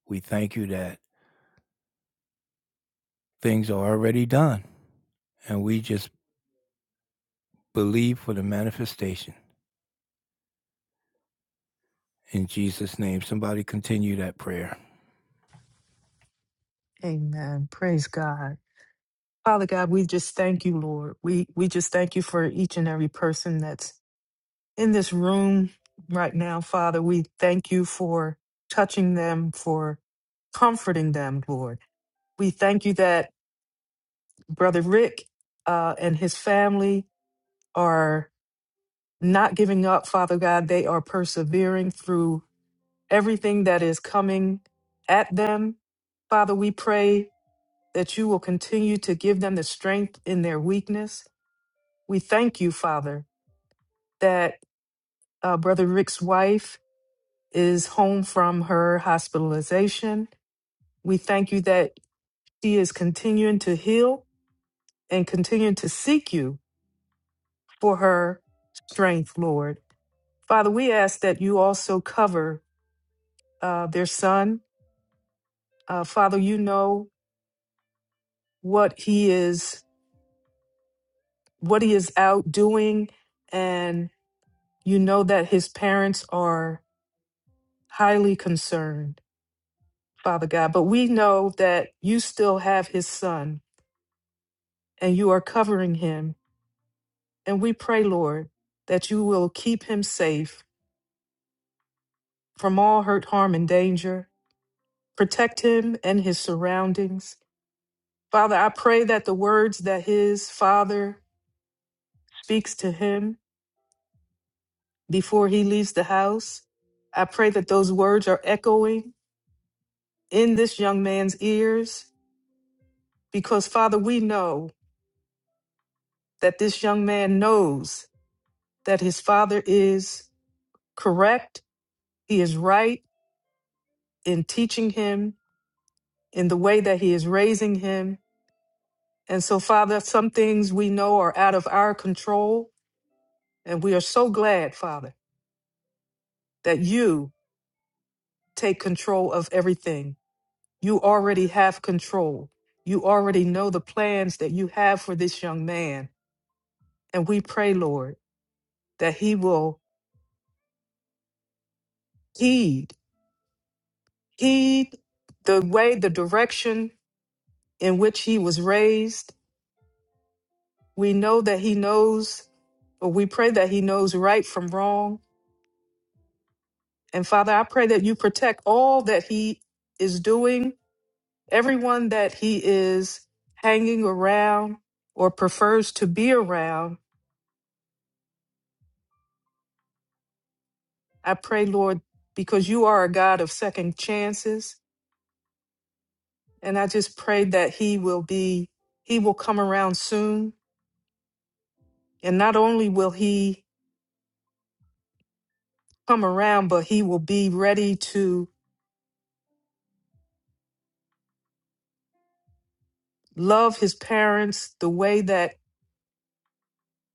we thank you that things are already done, and we just believe for the manifestation. In Jesus' name, somebody continue that prayer.
Amen. Praise God. Father God, we just thank you, Lord. We we just thank you for each and every person that's in this room right now, Father. We thank you for touching them, for comforting them, Lord. We thank you that Brother Rick uh, and his family are not giving up, Father God. They are persevering through everything that is coming at them. Father, we pray that you will continue to give them the strength in their weakness. We thank you, Father, that uh, Brother Rick's wife is home from her hospitalization. We thank you that she is continuing to heal and continuing to seek you for her strength, Lord. Father, we ask that you also cover uh, their son Uh, Father, you know what he is, what he is out doing, and you know that his parents are highly concerned, Father God. But we know that you still have his son, and you are covering him. And we pray, Lord, that you will keep him safe from all hurt, harm, and danger. Protect him and his surroundings. Father, I pray that the words that his father speaks to him before he leaves the house. I pray that those words are echoing in this young man's ears because, Father, we know that this young man knows that his father is correct. He is right in teaching him in the way that he is raising him. And so, Father, some things we know are out of our control. And we are so glad, Father, that you take control of everything. You already have control. You already know the plans that you have for this young man. And we pray, Lord, that he will heed, heed the way, the direction in which he was raised. We know that he knows, or we pray that he knows right from wrong. And Father, I pray that you protect all that he is doing, everyone that he is hanging around or prefers to be around I pray, Lord, because you are a God of second chances. And I just pray that he will be, he will come around soon. And not only will he come around, but he will be ready to love his parents the way that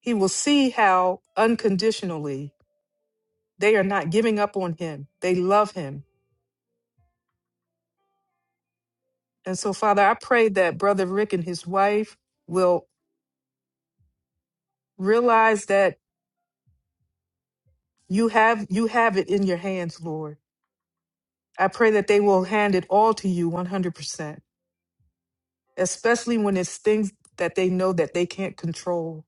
he will see how unconditionally they are not giving up on him. They love him. And so, Father, I pray that Brother Rick and his wife will realize that you have you have it in your hands, Lord I pray that they will hand it all to you 100%, especially when it's things that they know that they can't control.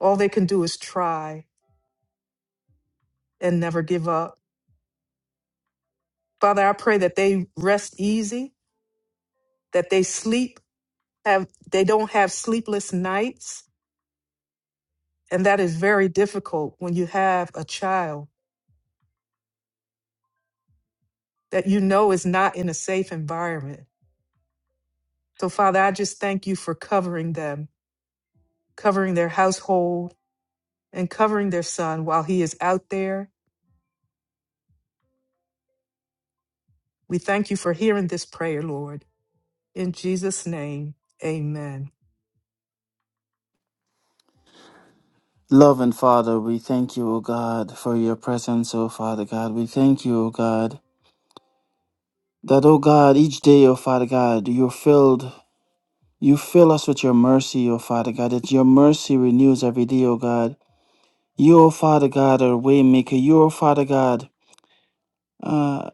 All they can do is try and never give up. Father, I pray that they rest easy, that they sleep, have they don't have sleepless nights, and that is very difficult when you have a child that you know is not in a safe environment. So Father, I just thank you for covering them, covering their household, and covering their son while he is out there We thank you for hearing this prayer, Lord. In Jesus' name, amen.
Loving Father, we thank you, O God, for your presence, O Father God. We thank you, O God, that, O God, each day, O Father God, you're filled, you fill us with your mercy, O Father God, that your mercy renews every day, O God. You, O Father God, are a waymaker. You, O Father God, uh,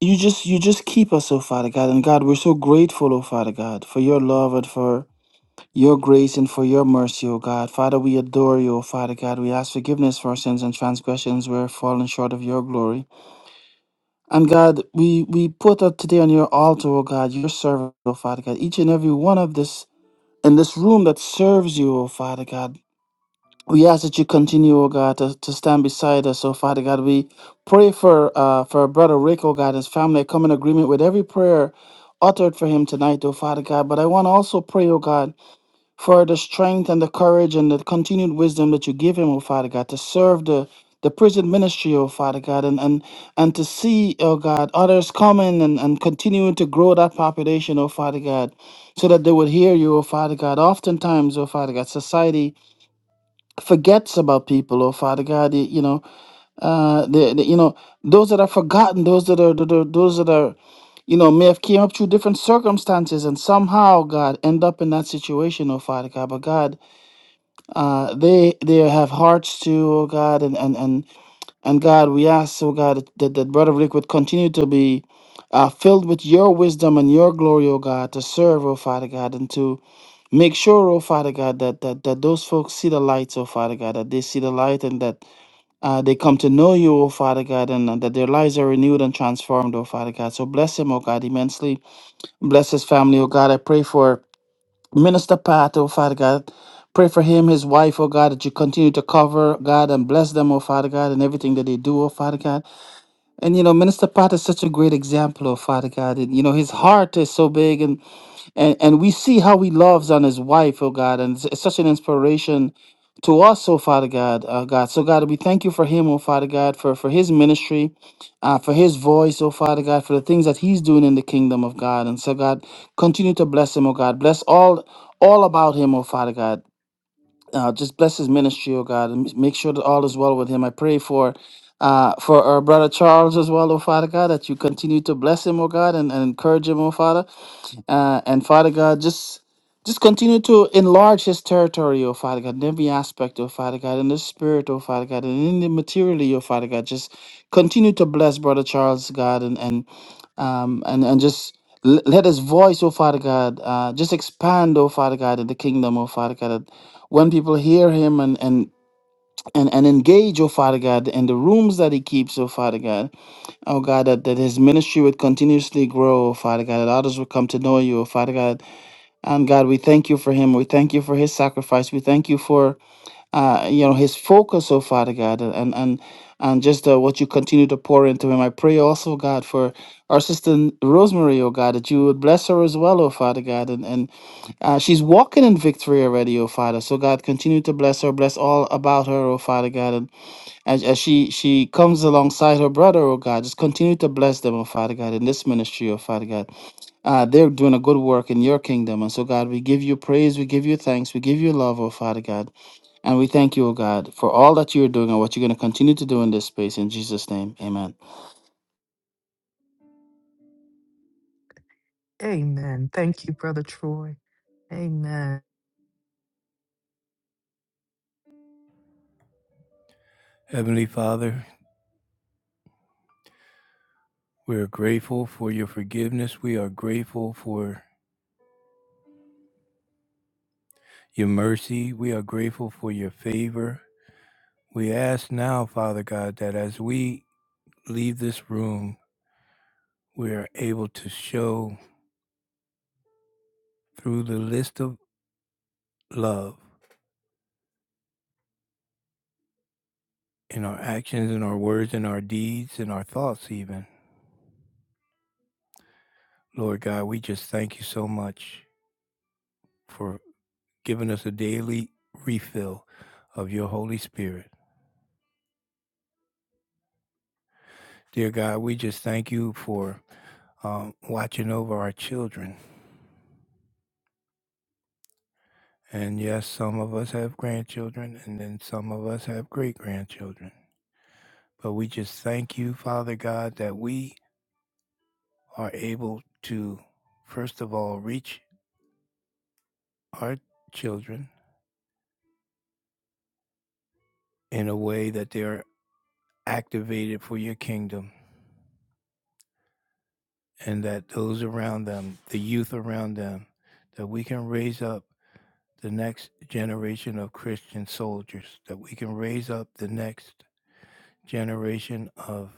you just you just keep us, O Father God. And God, we're so grateful, O Father God, for your love and for your grace and for your mercy, O God. Father, we adore you, O Father God. We ask forgiveness for our sins and transgressions where we've fallen short of your glory. And God, we, we put up today on your altar, O God, your servant, O Father God, each and every one of this in this room that serves you, O Father God. We ask that you continue, O God, to, to stand beside us, O Father God. We pray for uh for our brother Rick, O God, his family. I come in agreement with every prayer uttered for him tonight, O Father God. But I want to also pray, O God for the strength and the courage and the continued wisdom that you give him, oh Father God, to serve the the prison ministry, oh Father God, and and, and to see, oh God, others coming and, and continuing to grow that population, oh Father God, so that they would hear you, oh Father God. Oftentimes, oh Father God, society forgets about people, oh Father God. You know, uh, the, the, you know those that are forgotten, those that are, that are those that are you know, may have came up through different circumstances and somehow, God, end up in that situation, oh Father God. But God, uh, they they have hearts too, oh God, and and and and God, we ask, oh God, that that brother Rick would continue to be uh, filled with Your wisdom and Your glory, oh God, to serve, oh Father God, and to make sure, oh Father God, that that that those folks see the light, oh Father God, that they see the light, and that uh, they come to know You, oh Father God, and, and that their lives are renewed and transformed, oh Father God. So bless him, oh God, immensely. Bless his family, oh God. I pray for. Minister Pat, oh Father God. Pray for him, his wife, oh God, that you continue to cover, God, and bless them, oh Father God, and everything that they do, oh Father God. And you know, Minister Pat is such a great example, oh Father God. And, you know, his heart is so big, and and and we see how he loves on his wife, oh God, and it's, it's such an inspiration to us, oh Father God, uh, God. So God, we thank you for him, oh Father God, for for his ministry, uh, for his voice, oh Father God, for the things that he's doing in the kingdom of God. And so God, continue to bless him, oh God, bless all all about him, oh Father God. Uh, just bless his ministry, oh God, and m- make sure that all is well with him. I pray for. Uh, for our brother Charles as well, oh Father God, that you continue to bless him, oh God, and, and encourage him, oh Father uh, and Father God, just just continue to enlarge his territory, oh Father God, in every aspect, oh Father God, in the spirit, oh Father God, and in the materially, oh Father God. Just continue to bless Brother Charles, God, and and um and, and just l- let his voice, oh Father God, uh, just expand, oh Father God, in the kingdom, oh Father God. that When people hear him and and and, and engage, oh Father God, in the rooms that he keeps, oh Father God. Oh God, that, that his ministry would continuously grow, oh Father God, that others would come to know you, oh Father God. And God, we thank you for him. We thank you for his sacrifice. We thank you for uh, you know, his focus, oh Father God, and and and just uh, what you continue to pour into him. I pray also, God, for our sister Rosemary, oh God, that you would bless her as well, oh Father God. And and uh, she's walking in victory already, oh Father. So God, continue to bless her, bless all about her, oh Father God. As, as she she comes alongside her brother, oh God, just continue to bless them, oh Father God, in this ministry, oh Father God. Uh, they're doing a good work in your kingdom. And so, God, we give you praise, we give you thanks, we give you love, oh Father God. And we thank you, oh God, for all that you're doing and what you're going to continue to do in this space. In Jesus' name, amen.
Amen. Thank you, Brother Troy. Amen.
Heavenly Father, we are grateful for your forgiveness. We are grateful for your mercy. We are grateful for your favor. We ask now, Father God, that as we leave this room, we are able to show through the list of love in our actions, in our words, in our deeds, in our thoughts, even. Lord God, we just thank you so much for giving us a daily refill of your Holy Spirit. Dear God, we just thank you for um, watching over our children And yes, some of us have grandchildren, and then some of us have great grandchildren. But we just thank you, Father God, that we are able to, first of all, reach our children in a way that they are activated for your kingdom, and that those around them, the youth around them, that we can raise up the next generation of Christian soldiers, that we can raise up the next generation of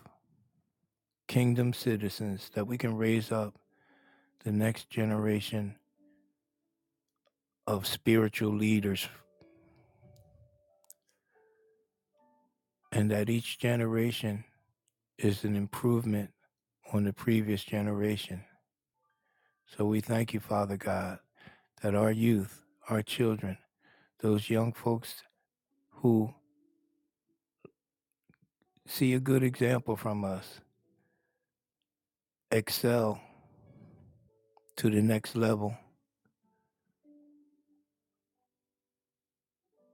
kingdom citizens, that we can raise up the next generation of spiritual leaders, and that each generation is an improvement on the previous generation. So we thank you, Father God, that our youth, our children, those young folks who see a good example from us excel to the next level,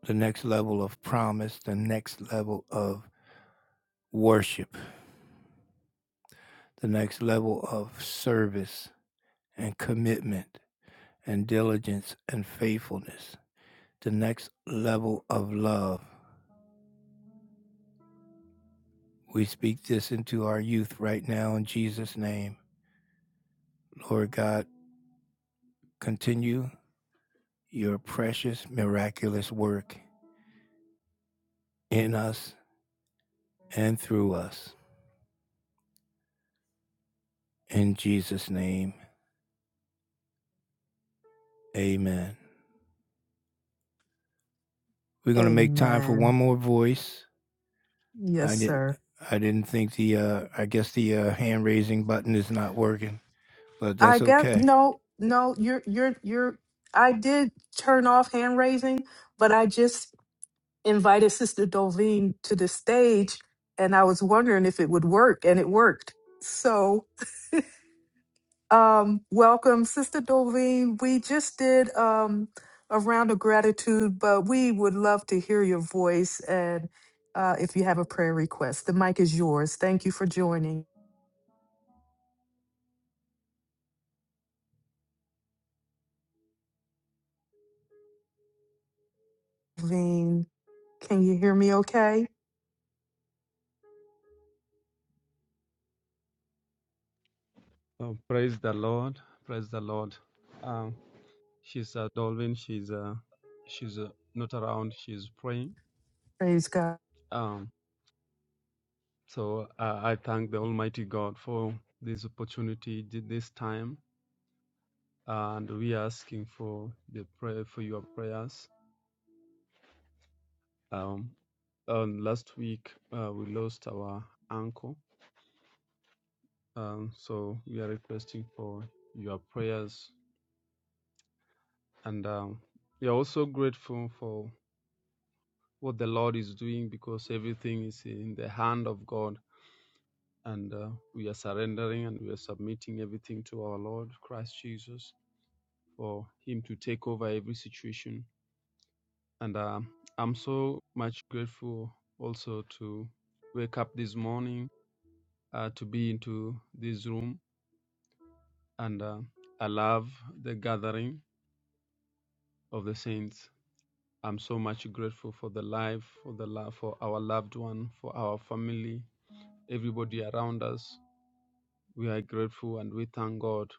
the next level of promise, the next level of worship, the next level of service and commitment and diligence and faithfulness. the next level of love. We speak this into our youth right now in Jesus' name. Lord God, continue your precious, miraculous work in us and through us. In Jesus' name, amen. We're going to make time for
Amen.
one more voice.
Yes,
I didn't.
sir.
I didn't think the, uh, I guess the uh, hand raising button is not working, but
I
that's
guess
okay.
no, no, you're you're you're I did turn off hand raising, but I just invited Sister Dolveen to the stage, and I was wondering if it would work, and it worked. So, um, welcome, Sister Dolveen. We just did um, a round of gratitude, but we would love to hear your voice and uh, if you have a prayer request. The mic is yours. Thank you for joining. Dolveen, can you hear me okay?
Oh, praise the Lord. Praise the Lord. Um, she's uh, Dolvin. She's uh, she's uh, not around. She's praying.
Praise God.
Um, so uh, I thank the Almighty God for this opportunity, thi- this time, and we are asking for the prayer for your prayers. Um, um, last week uh, we lost our uncle, um, so we are requesting for your prayers, and um, we are also grateful for what the Lord is doing because everything is in the hand of God. And uh, we are surrendering and we are submitting everything to our Lord Christ Jesus for Him to take over every situation. And uh, I'm so much grateful also to wake up this morning, uh, to be into this room. And uh, I love the gathering of the saints. I'm so much grateful for the life, for the love, for our loved one, for our family, everybody around us We are grateful and we thank God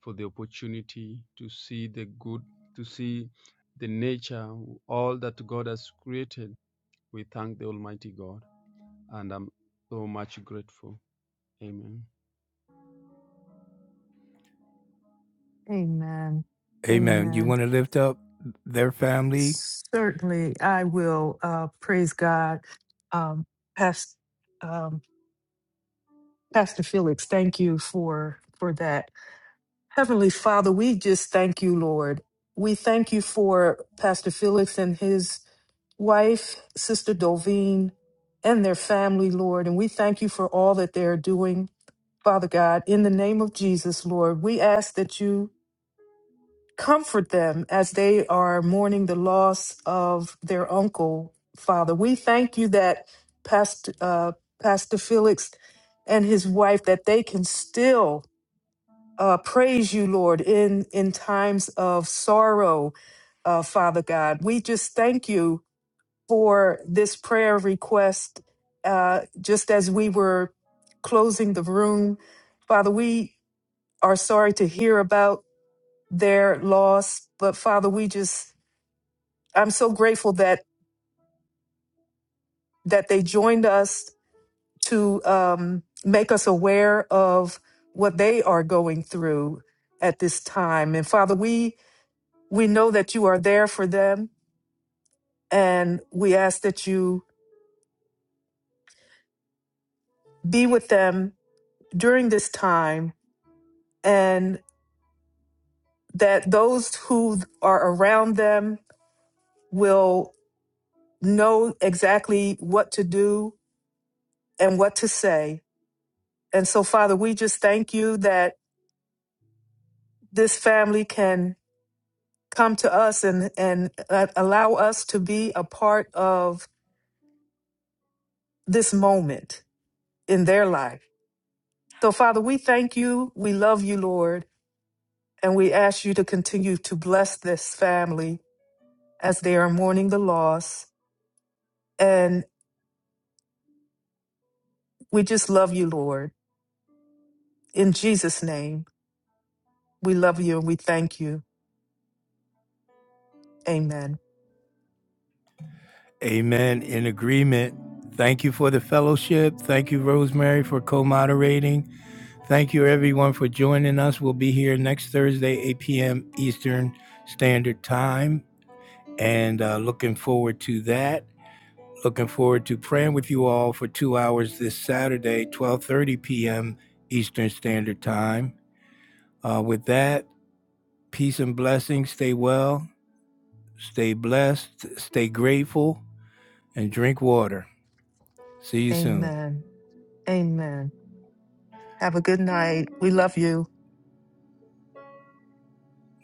for the opportunity to see the good, to see the nature, all that God has created. We thank the Almighty God and I'm so much grateful. Amen.
Amen.
Amen. You
Amen.
want to lift up their family,
Certainly, I will uh, praise God. Um, Pastor, um, Pastor Felix, thank you for for that. Heavenly Father, we just thank you, Lord. We thank you for Pastor Felix and his wife, Sister Dovine, and their family, Lord. And we thank you for all that they're doing, Father God. In the name of Jesus, Lord, we ask that you Comfort them as they are mourning the loss of their uncle, Father. We thank you that Pastor, uh, Pastor Felix and his wife, that they can still uh, praise you, Lord, in, in times of sorrow, uh, Father God. We just thank you for this prayer request. Uh, just as we were closing the room, Father, we are sorry to hear about their loss. But Father, we just, I'm so grateful that, that they joined us to um, make us aware of what they are going through at this time. And Father, we, we know that you are there for them and we ask that you be with them during this time and that those who are around them will know exactly what to do and what to say And so, Father, we just thank you that this family can come to us and, and uh, allow us to be a part of this moment in their life. So, Father, we thank you. We love you, Lord. And we ask you to continue to bless this family as they are mourning the loss. And we just love you, Lord. In Jesus' name, we love you and we thank you. Amen.
Amen. In agreement. Thank you for the fellowship. Thank you, Rosemary, for co moderating. Thank you, everyone, for joining us. We'll be here next Thursday, 8 p.m. Eastern Standard Time. And uh, looking forward to that. Looking forward to praying with you all for two hours this Saturday, 12:30 p.m. Eastern Standard Time. Uh, with that, peace and blessings. Stay well, stay blessed, stay grateful, and drink water. See you soon.
Amen. Amen. Have a good night. We love you.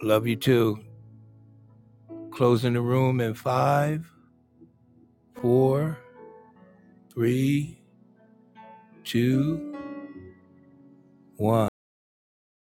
Love you too. Closing the room in five, four, three, two, one.